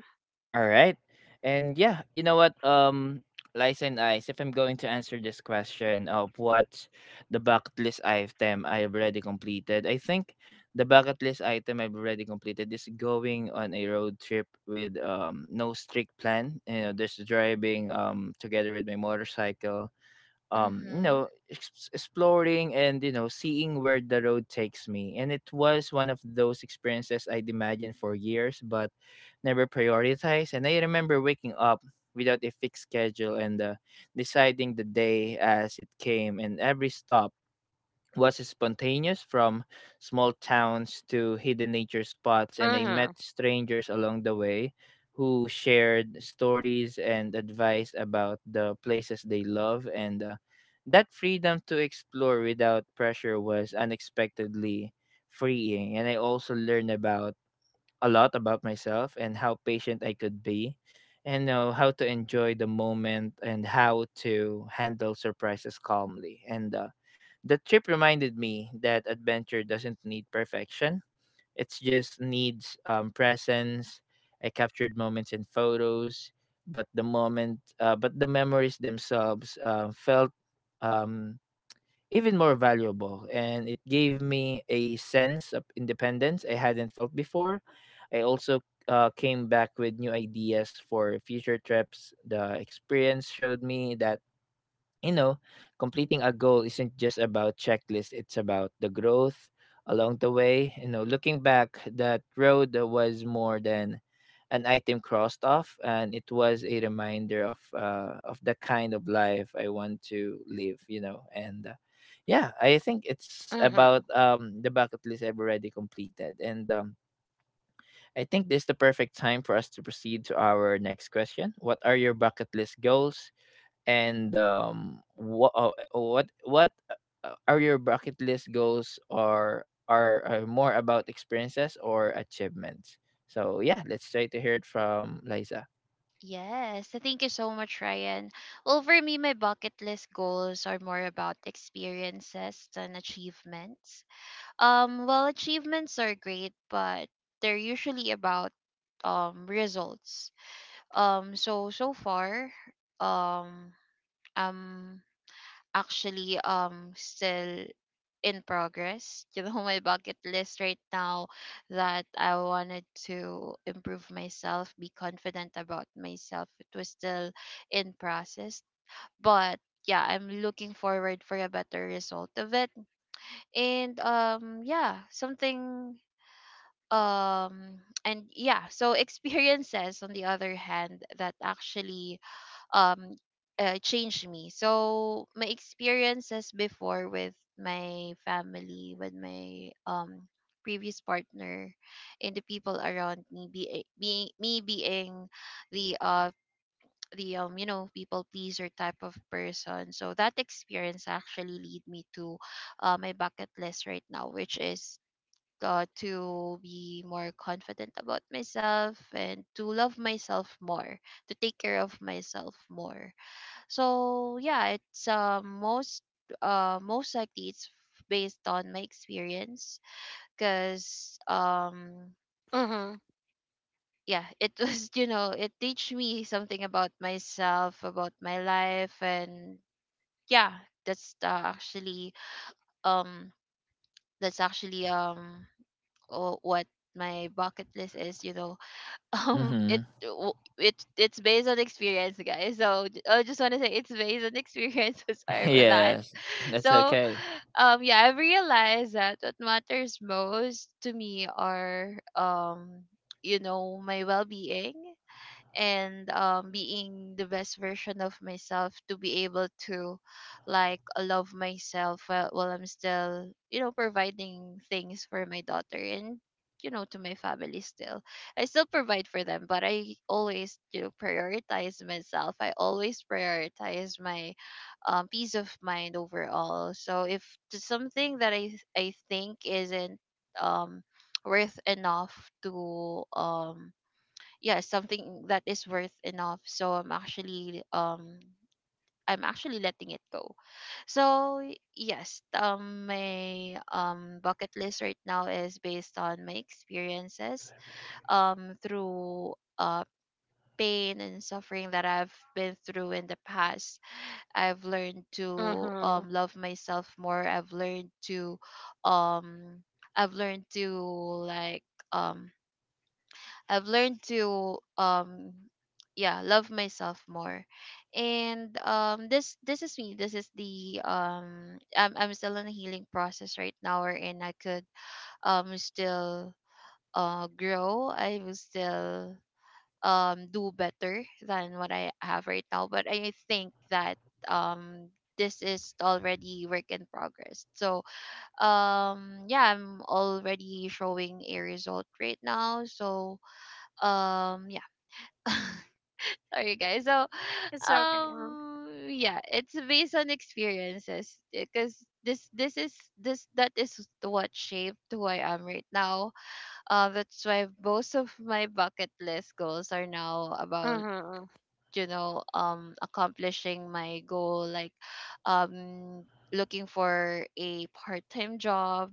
[SPEAKER 1] All right. And yeah, you know what? Liza and Ice, if I'm going to, answer this question of what the bucket list item I have already completed, I think the bucket list item I've already completed is going on a road trip with no strict plan. Just driving together with my motorcycle
[SPEAKER 3] Mm-hmm.
[SPEAKER 1] exploring and seeing where the road takes me, and it was one of those experiences I'd imagined for years but never prioritized. And I remember waking up without a fixed schedule and deciding the day as it came. And every stop was spontaneous, from small towns to hidden nature spots, and I
[SPEAKER 2] Mhm.
[SPEAKER 1] met strangers along the way who shared stories and advice about the places they love. And that freedom to explore without pressure was unexpectedly freeing. And I also learned about a lot about myself, and how patient I could be, and know how to enjoy the moment, and how to handle surprises calmly. And the trip reminded me that adventure doesn't need perfection. It just needs presence. I captured moments in photos, but but the memories themselves felt um, even more valuable, and it gave me a sense of independence I hadn't felt before. I also came back with new ideas for future trips. The experience showed me that you know, completing a goal isn't just about checklists, it's about the growth along the way. Looking back, that road was more than an item crossed off, and it was a reminder of the kind of life I want to live. And yeah, I think it's
[SPEAKER 2] Mhm.
[SPEAKER 1] about the bucket list I've already completed. And I think this is the perfect time for us to proceed to our next question. What are your bucket list goals? And what are your bucket list goals, or are more about experiences or achievements? So yeah, let's try to hear it from Liza.
[SPEAKER 3] Yes, so thank you so much, Ryan. Well, for me, my bucket list goals are more about experiences than achievements. Well, achievements are great, but they're usually about results, so so far, um I'm actually still in progress. You know, my bucket list right now, that I wanted to improve myself, be confident about myself. It was still in process. But yeah, I'm looking forward for a better result of it. And yeah, something, and yeah, so experiences, on the other hand, that actually um changed me. So my experiences before, with my family, with my previous partner, and the people around me, being me, being the uh the people pleaser type of person. So that experience actually lead me to my bucket list right now, which is, to be more confident about myself, and to love myself more, to take care of myself more. So yeah, it's most likely it's based on my experience, because
[SPEAKER 2] Mhm.
[SPEAKER 3] yeah, it was it teach me something about myself, about my life. And yeah, that's actually um actually what my bucket list is, it
[SPEAKER 1] Mm-hmm.
[SPEAKER 3] w- it it's based on experience, guys. So I just want to say it's based on experience. Sorry for that.
[SPEAKER 1] Yes, that's
[SPEAKER 3] So
[SPEAKER 1] okay.
[SPEAKER 3] yeah, I realized that what matters most to me are my well-being, and being the best version of myself, to be able to like love myself while I'm still providing things for my daughter, and to my family. Still, I still provide for them, but I always prioritize myself. I always prioritize my peace of mind overall. So if there's something that I think isn't um worth enough to yeah, something that is worth enough, so I'm actually letting it go. So yes, my bucket list right now is based on my experiences, through uh pain and suffering that I've been through in the past. I've learned to
[SPEAKER 2] Mhm.
[SPEAKER 3] love myself more. Um i've learned to like um I've learned to yeah, love myself more. And this is me. This is the I'm still in a healing process right now, and I could still grow. I will still do better than what I have right now. But I think that um this is already work in progress. So yeah, I'm already showing a result right now. So yeah, sorry, guys. So
[SPEAKER 2] It's okay.
[SPEAKER 3] yeah, it's based on experiences, because this is this that is what shaped who I am right now. That's why most of my bucket list goals are now about
[SPEAKER 2] Mhm.
[SPEAKER 3] accomplishing my goal, like um looking for a part-time job,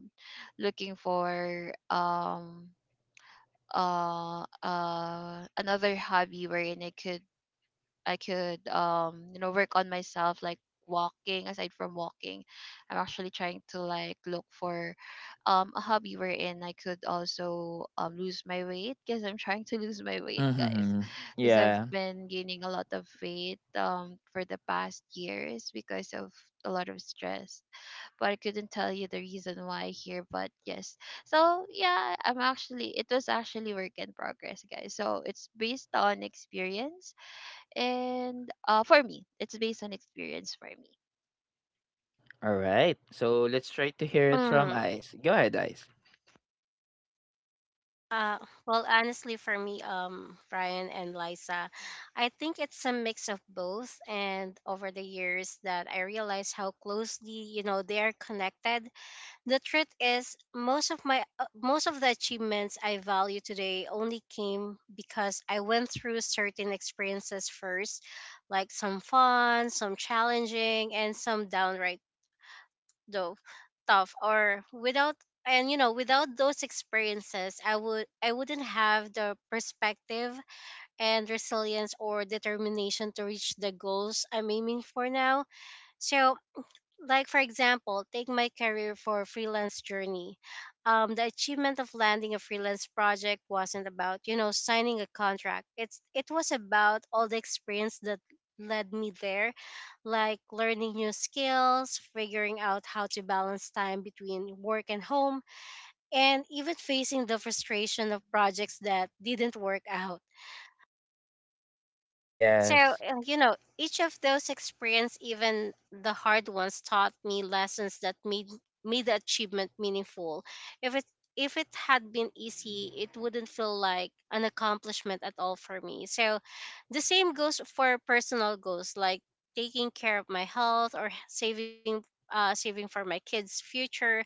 [SPEAKER 3] looking for another hobby wherein I could work on myself, like walking. Aside from walking, I'm actually trying to like look for a hobby wherein I could also lose my weight, because I'm trying to lose my weight, guys,
[SPEAKER 1] Mm-hmm.
[SPEAKER 3] because I've
[SPEAKER 1] Yeah.
[SPEAKER 3] been gaining a lot of weight for the past years because of a lot of stress, but I couldn't tell you the reason why here. But yes, so yeah, I'm actually it was actually work in progress, guys. So it's based on experience, and for me, it's based on experience, for me.
[SPEAKER 1] All right, so let's try to hear it from
[SPEAKER 2] Mhm.
[SPEAKER 1] Ice. Go ahead, Ice.
[SPEAKER 2] Uh well, honestly, for me, Brian and Liza, I think it's a mix of both, and over the years that I realized how closely, you know, they are connected. The truth is, most of my most of the achievements I value today only came because I went through certain experiences first, like some fun, some challenging, and some downright though tough. Or without, and you know, without those experiences, I wouldn't have the perspective and resilience or determination to reach the goals I'm aiming for now. So like, for example, take my career for freelance journey. The achievement of landing a freelance project wasn't about, you know, signing a contract. It's it was about all the experience that led me there, like learning new skills, figuring out how to balance time between work and home, and even facing the frustration of projects that didn't work out. So,
[SPEAKER 1] Yes.
[SPEAKER 2] you know, each of those experience, even the hard ones, taught me lessons that made the achievement meaningful. If it if it had been easy, it wouldn't feel like an accomplishment at all for me. So, the same goes for personal goals like taking care of my health or saving for my kids' future.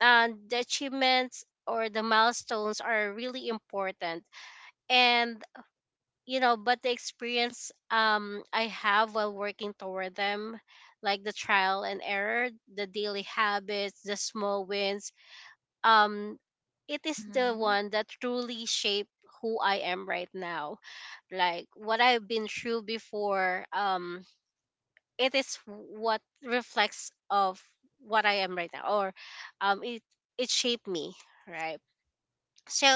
[SPEAKER 2] And the achievements or the milestones are really important, and you know, but the experience I have while working toward them, like the trial and error, the daily habits, the small wins, um it is the
[SPEAKER 3] Mm-hmm.
[SPEAKER 2] one that truly shape who I am right now. Like what I've been through before, it is what reflects of what I am right now, or it it shaped me, right? So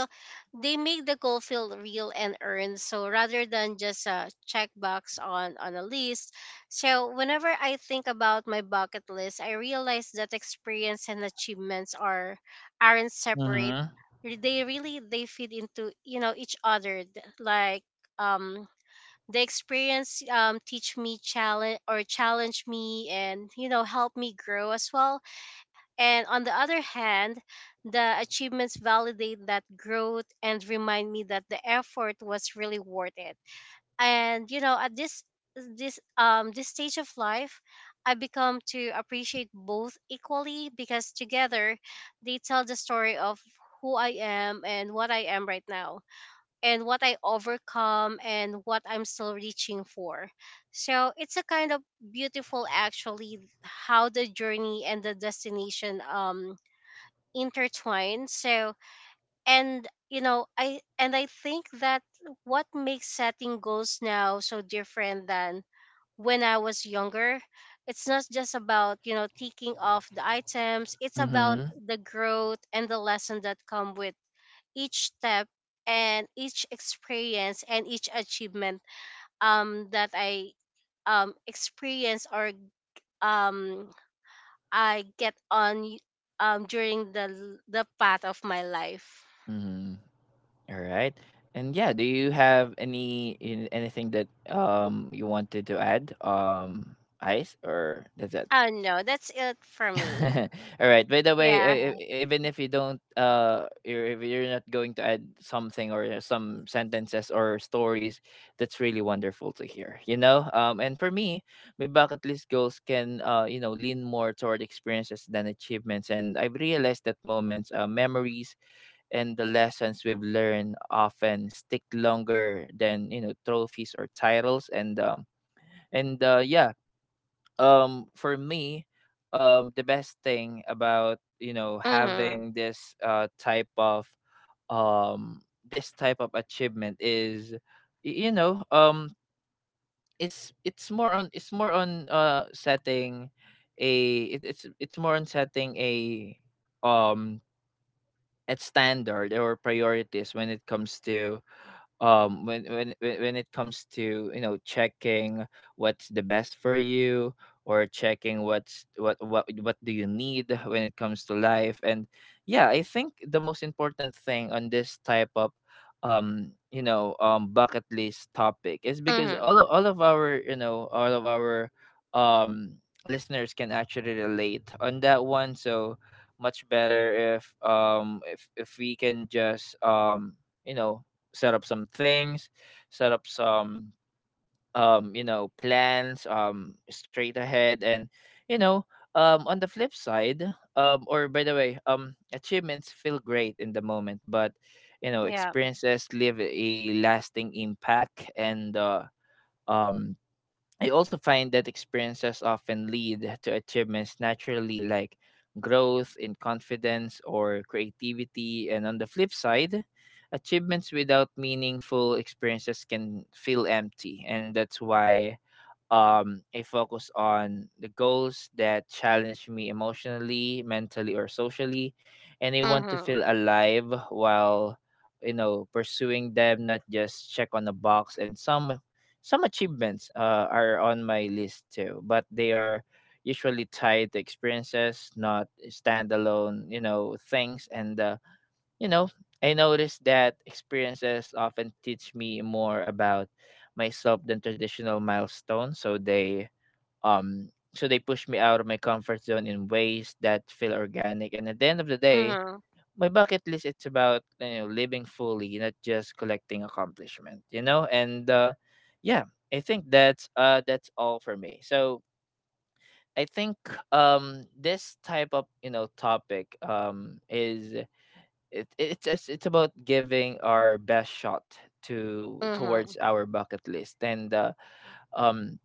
[SPEAKER 2] they make the goal feel real and earned, So rather than just a checkbox on a list. So whenever I think about my bucket list, I realize that experience and achievements are aren't separate.
[SPEAKER 1] Mm-hmm.
[SPEAKER 2] They really, they fit into, you know, each other. Like um the experience teach me challenge, or challenge me, and you know, help me grow as well. And on the other hand, the achievements validate that growth and remind me that the effort was really worth it. And you know, at this stage of life, I become to appreciate both equally because together they tell the story of who I am and what I am right now, and what I overcome and what I'm still reaching for. So it's a kind of beautiful actually how the journey and the destination intertwined. So, and you know, I think that what makes setting goals now so different than when I was younger, it's not just about, you know, ticking off the items. It's about
[SPEAKER 1] Mm-hmm.
[SPEAKER 2] the growth and the lesson that come with each step and each experience and each achievement that I experience or um I get on during the path of my life.
[SPEAKER 1] Mm-hmm. All right. And yeah, do you have any anything that you wanted to add? Ice, or that's it?
[SPEAKER 2] Oh no, that's it for me.
[SPEAKER 1] All right. By the way,
[SPEAKER 2] Yeah.
[SPEAKER 3] Yeah.
[SPEAKER 1] even if you don't if you're not going to add something or some sentences or stories, that's really wonderful to hear. You know? And for me, my bucket list goals can lean more toward experiences than achievements, and I've realized that moments, memories, and the lessons we've learned often stick longer than trophies or titles. And yeah, for me, the best thing about
[SPEAKER 2] Mhm.
[SPEAKER 1] having um this type of achievement is y- you know um it's more on setting it's more on setting a um at standard or priorities when it comes to when it comes to checking what's the best for you, or checking what's what do you need when it comes to life. And yeah, I think the most important thing on this type of bucket list topic is because
[SPEAKER 2] Mhm.
[SPEAKER 1] all of our all of our um listeners can actually relate on that one so much better if if we can just you know set up some things, set up some plans straight ahead. And you know, on the flip side, or by the way, achievements feel great in the moment, but
[SPEAKER 2] Yeah.
[SPEAKER 1] experiences leave a lasting impact. And um I also find that experiences often lead to achievements naturally, like growth in confidence or creativity. And on the flip side, achievements without meaningful experiences can feel empty. And that's why I focus on the goals that challenge me emotionally, mentally, or socially. And I want to feel
[SPEAKER 2] Mhm.
[SPEAKER 1] alive while pursuing them, not just check on a box. And some achievements are on my list too, but they are usually tied to experiences, not standalone things. And you know, I noticed that experiences often teach me more about myself than traditional milestones. So they push me out of my comfort zone in ways that feel organic. And at the end of the day,
[SPEAKER 2] Mhm.
[SPEAKER 1] my bucket list, it's about living fully, not just collecting accomplishment. You know, and Yeah, I think that's all for me. So I think this type of topic is it it's just it's about giving our best shot to
[SPEAKER 2] Mhm.
[SPEAKER 1] towards our bucket list. And um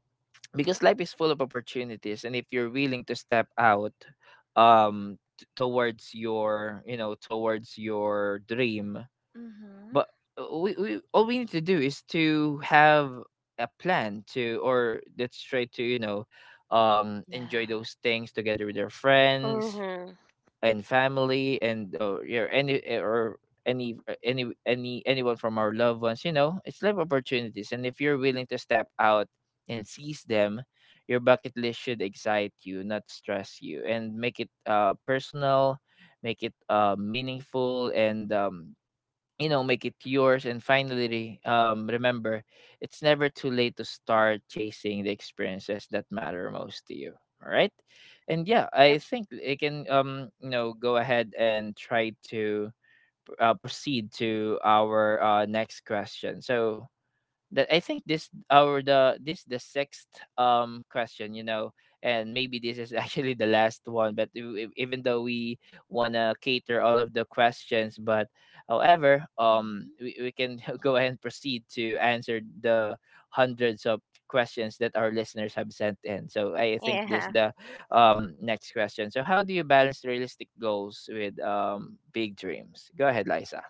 [SPEAKER 1] because life is full of opportunities, and if you're willing to step out towards your dream.
[SPEAKER 3] Mm-hmm.
[SPEAKER 1] But we need to do is to have a plan to or let's try to enjoy
[SPEAKER 3] Yeah.
[SPEAKER 1] those things together with our friends
[SPEAKER 2] Mhm.
[SPEAKER 1] and family, and or yeah, any eh, or any anyone from our loved ones. It's life opportunities, and if you're willing to step out and seize them, your bucket list should excite you, not stress you. And make it personal, make it meaningful, and make it yours. And finally, remember, it's never too late to start chasing the experiences that matter most to you. All right. And yeah, I
[SPEAKER 2] Yep.
[SPEAKER 1] think it can go ahead and try to proceed to our next question. So that I think this our the this the sixth question, you know, and maybe this is actually the last one. But even though we wanna cater all of the questions, but however,
[SPEAKER 3] Mm-hmm.
[SPEAKER 1] we can go ahead and proceed to answer the hundreds of questions that our listeners have sent in. So I think this
[SPEAKER 2] Yeah.
[SPEAKER 1] the next question. So, how do you balance realistic goals with big dreams? Go ahead, Liza.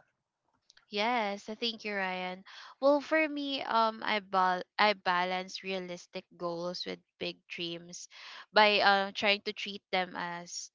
[SPEAKER 3] Yes, I think you're Ryan. Well, for me, I balance realistic goals with big dreams by trying to treat them as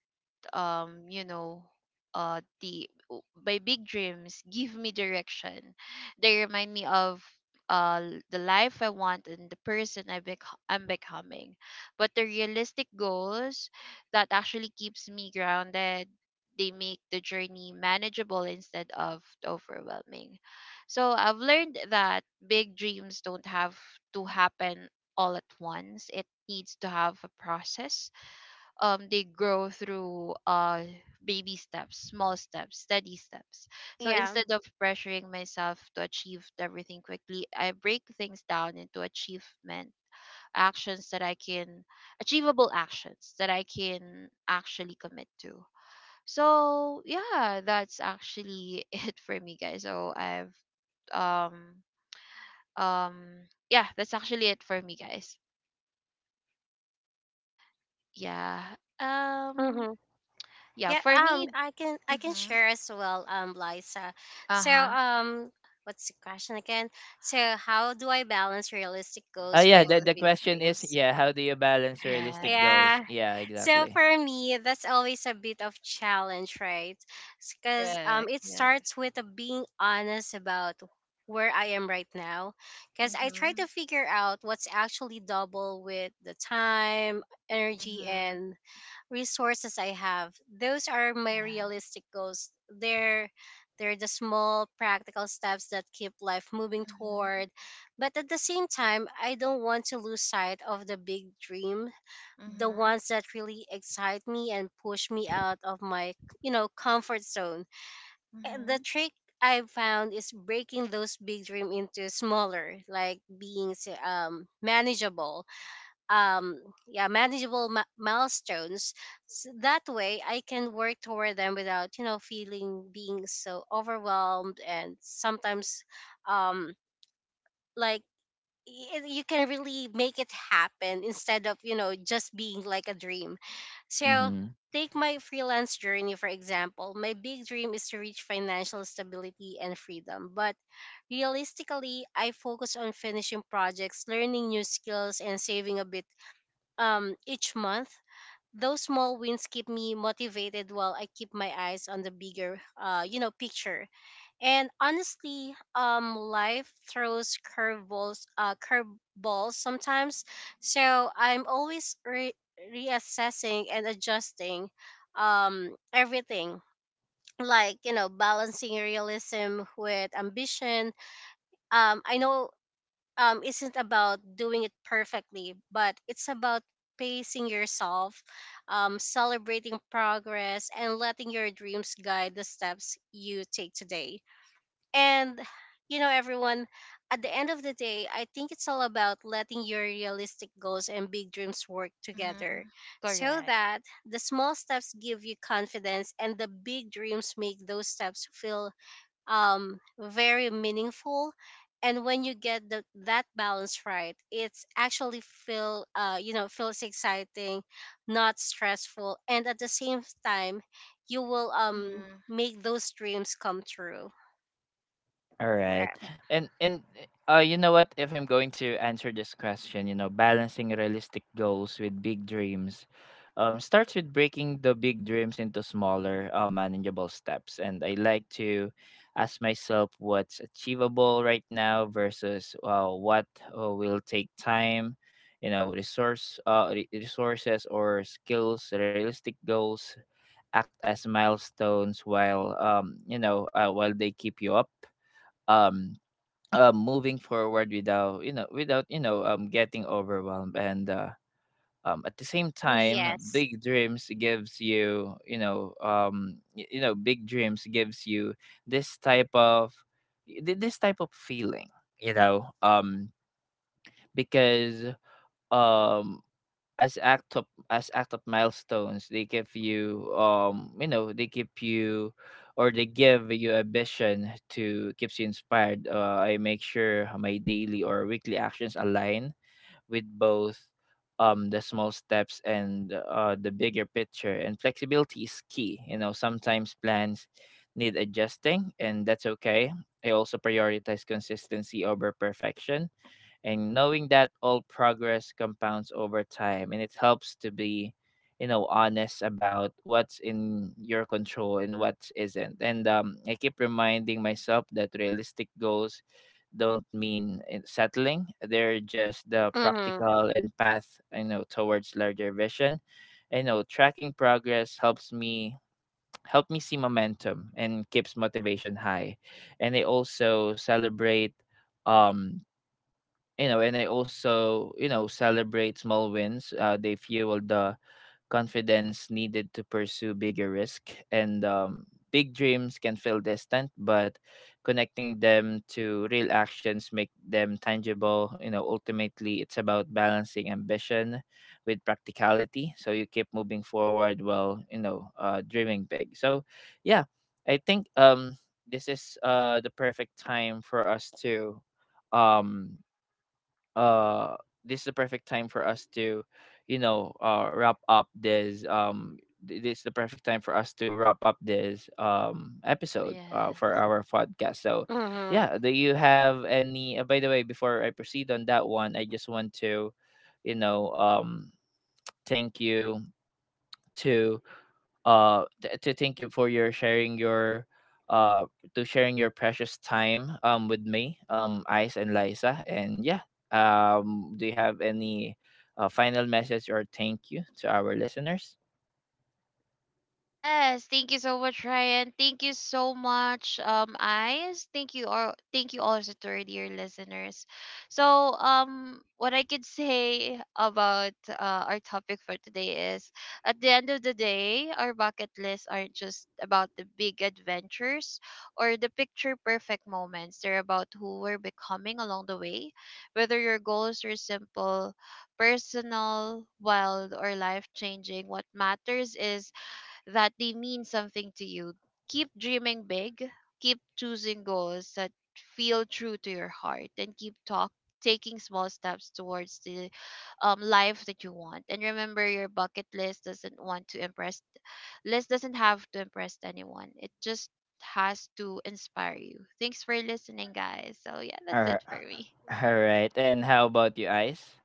[SPEAKER 3] um you know my big dreams give me direction. They remind me of the life I want, and the person I'm becoming. But the realistic goals that actually keeps me grounded, they make the journey manageable instead of overwhelming. So I've learned that big dreams don't have to happen all at once, it needs to have a process. They grow through baby steps, small steps, steady steps. So
[SPEAKER 2] Yeah.
[SPEAKER 3] instead of pressuring myself to achieve everything quickly, I break things down into achievement actions that I can achievable actions that I can actually commit to. So yeah, that's actually it for me, guys. So I've um um yeah that's actually it for me, guys. Yeah, um
[SPEAKER 2] Mhm.
[SPEAKER 3] yeah,
[SPEAKER 2] Yeah.
[SPEAKER 3] for me.
[SPEAKER 2] I can
[SPEAKER 3] Mhm.
[SPEAKER 2] share as well. Liza. So
[SPEAKER 3] Uh-huh.
[SPEAKER 2] what's the question again? So how do I balance realistic goals
[SPEAKER 1] Yeah,
[SPEAKER 2] with
[SPEAKER 1] the,
[SPEAKER 2] the
[SPEAKER 3] Goals
[SPEAKER 1] the
[SPEAKER 2] big
[SPEAKER 3] movement.
[SPEAKER 1] question is,
[SPEAKER 2] dreams?
[SPEAKER 1] yeah, how do you balance realistic
[SPEAKER 3] Yes.
[SPEAKER 2] Yeah.
[SPEAKER 1] goals? Yeah,
[SPEAKER 2] So
[SPEAKER 1] exactly.
[SPEAKER 2] for me, that's always a bit of challenge, right? Because
[SPEAKER 3] Correct.
[SPEAKER 2] it
[SPEAKER 3] Yes.
[SPEAKER 2] starts with being honest about where I am right now. Because I try
[SPEAKER 3] Mhm.
[SPEAKER 2] to figure out what's actually double with the time, energy,
[SPEAKER 3] Mhm.
[SPEAKER 2] and resources I have. Those are my
[SPEAKER 3] Yes.
[SPEAKER 2] realistic goals. They're the small practical steps that keep life moving
[SPEAKER 3] Mhm.
[SPEAKER 2] toward. But at the same time, I don't want to lose sight of the big dream, the
[SPEAKER 3] Mhm.
[SPEAKER 2] ones that really excite me and push me out of my, you know, comfort zone. And the
[SPEAKER 3] Mhm.
[SPEAKER 2] trick I found is breaking those big dreams into smaller, like manageable um yeah, manageable, milestones. So that way I can work toward them without, you know, feeling being so overwhelmed, and sometimes um like you can really make it happen instead of, you know, just being like a dream. So take my
[SPEAKER 1] Mm-hmm.
[SPEAKER 2] freelance journey for example. My big dream is to reach financial stability and freedom, but realistically I focus on finishing projects, learning new skills, and saving a bit each month. Those small wins keep me motivated while I keep my eyes on the bigger you know, picture. And honestly, life throws curveballs, curveballs sometimes. So I'm always reassessing and adjusting, everything. Like you know, balancing realism with ambition, I know, isn't about doing it perfectly, but it's about pacing yourself, celebrating progress, and letting your dreams guide the steps you take today. And you know, everyone, at the end of the day, I think it's all about letting your realistic goals and big dreams work together
[SPEAKER 3] Mhm.
[SPEAKER 2] so
[SPEAKER 3] Correct.
[SPEAKER 2] that the small steps give you confidence and the big dreams make those steps feel very meaningful. And when you get that balance right, it's actually feel you know, feels exciting, not stressful, and at the same time, you will
[SPEAKER 3] Mhm.
[SPEAKER 2] make those dreams come true,
[SPEAKER 1] All right.
[SPEAKER 2] right?
[SPEAKER 1] And you know what? If I'm going to answer this question, you know, balancing realistic goals with big dreams starts with breaking the big dreams into smaller, manageable steps. And I like to ask myself what's achievable right now versus what will take time, you know, resources or skills. Realistic goals act as milestones while while they keep you up. Um Moving forward without getting overwhelmed. And at the same time,
[SPEAKER 2] Yes.
[SPEAKER 1] big dreams gives you this type of feeling, you know um because um as act of milestones, they give you you know they give you or they give you a vision to keeps you inspired. I make sure my daily or weekly actions align with both the small steps and the bigger picture. And flexibility is key. Sometimes plans need adjusting, and that's okay. I also prioritize consistency over perfection, and knowing that all progress compounds over time. And it helps to be honest about what's in your control and what isn't. And I keep reminding myself that realistic goals don't mean settling. They're just the
[SPEAKER 2] Mhm.
[SPEAKER 1] practical and path towards larger vision. Tracking progress helps me, help me see momentum and keeps motivation high. And I also celebrate um you know and I also you know celebrate small wins. They fuel the confidence needed to pursue bigger risk. And big dreams can feel distant, but connecting them to real actions make them tangible. Ultimately, it's about balancing ambition with practicality, so you keep moving forward while dreaming big. So yeah, I think this is the perfect time for us to um uh this is the perfect time for us to wrap up this is the perfect time for us to wrap up this episode for
[SPEAKER 3] Yes.
[SPEAKER 1] our podcast. So
[SPEAKER 2] Mhm.
[SPEAKER 1] yeah, do you have any by the way, before I proceed on that one, I just want to you know um thank you to thank you for your sharing your uh to sharing your precious time with me, Ice and Liza. And yeah, do you have any final message or thank you to our listeners?
[SPEAKER 3] Yes, thank you so much, Ryan. Thank you so much, Eyes. Thank you all. Thank you also to our dear listeners. So, what I could say about our topic for today is, at the end of the day, our bucket lists aren't just about the big adventures or the picture perfect moments. They're about who we're becoming along the way, whether your goals are simple, personal, wild, or life changing. What matters is that they mean something to you. Keep dreaming big, keep choosing goals that feel true to your heart, and keep talk taking small steps towards the life that you want. And remember, your bucket list doesn't want to impress list doesn't have to impress anyone. It just has to inspire you. Thanks for listening, guys. So yeah,
[SPEAKER 1] All
[SPEAKER 3] that's
[SPEAKER 1] right,
[SPEAKER 3] it for me.
[SPEAKER 1] all right. And how about you, Ice?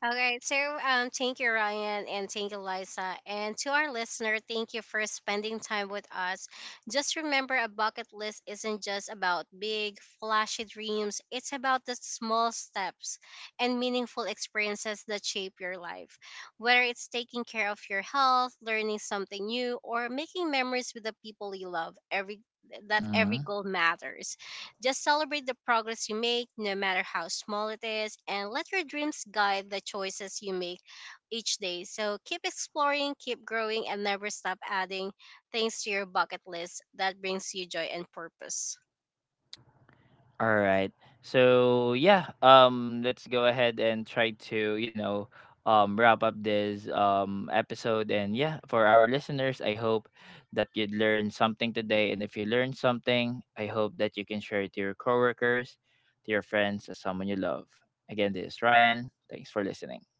[SPEAKER 2] All right. So, thank you, Ryan, and thank you, Liza, and to our listener, thank you for spending time with us. Just remember, a bucket list isn't just about big, flashy dreams. It's about the small steps and meaningful experiences that shape your life. Whether it's taking care of your health, learning something new, or making memories with the people you love, every that every
[SPEAKER 1] Mm-hmm.
[SPEAKER 2] goal matters. Just celebrate the progress you make, no matter how small it is, and let your dreams guide the choices you make each day. So keep exploring, keep growing, and never stop adding things to your bucket list that brings you joy and purpose.
[SPEAKER 1] All right. So yeah, let's go ahead and try to wrap up this episode. And yeah, for our listeners, I hope that you learned something today. And if you learned something, I hope that you can share it to your coworkers, to your friends, to someone you love. Again, this is Ryan. Thanks for listening.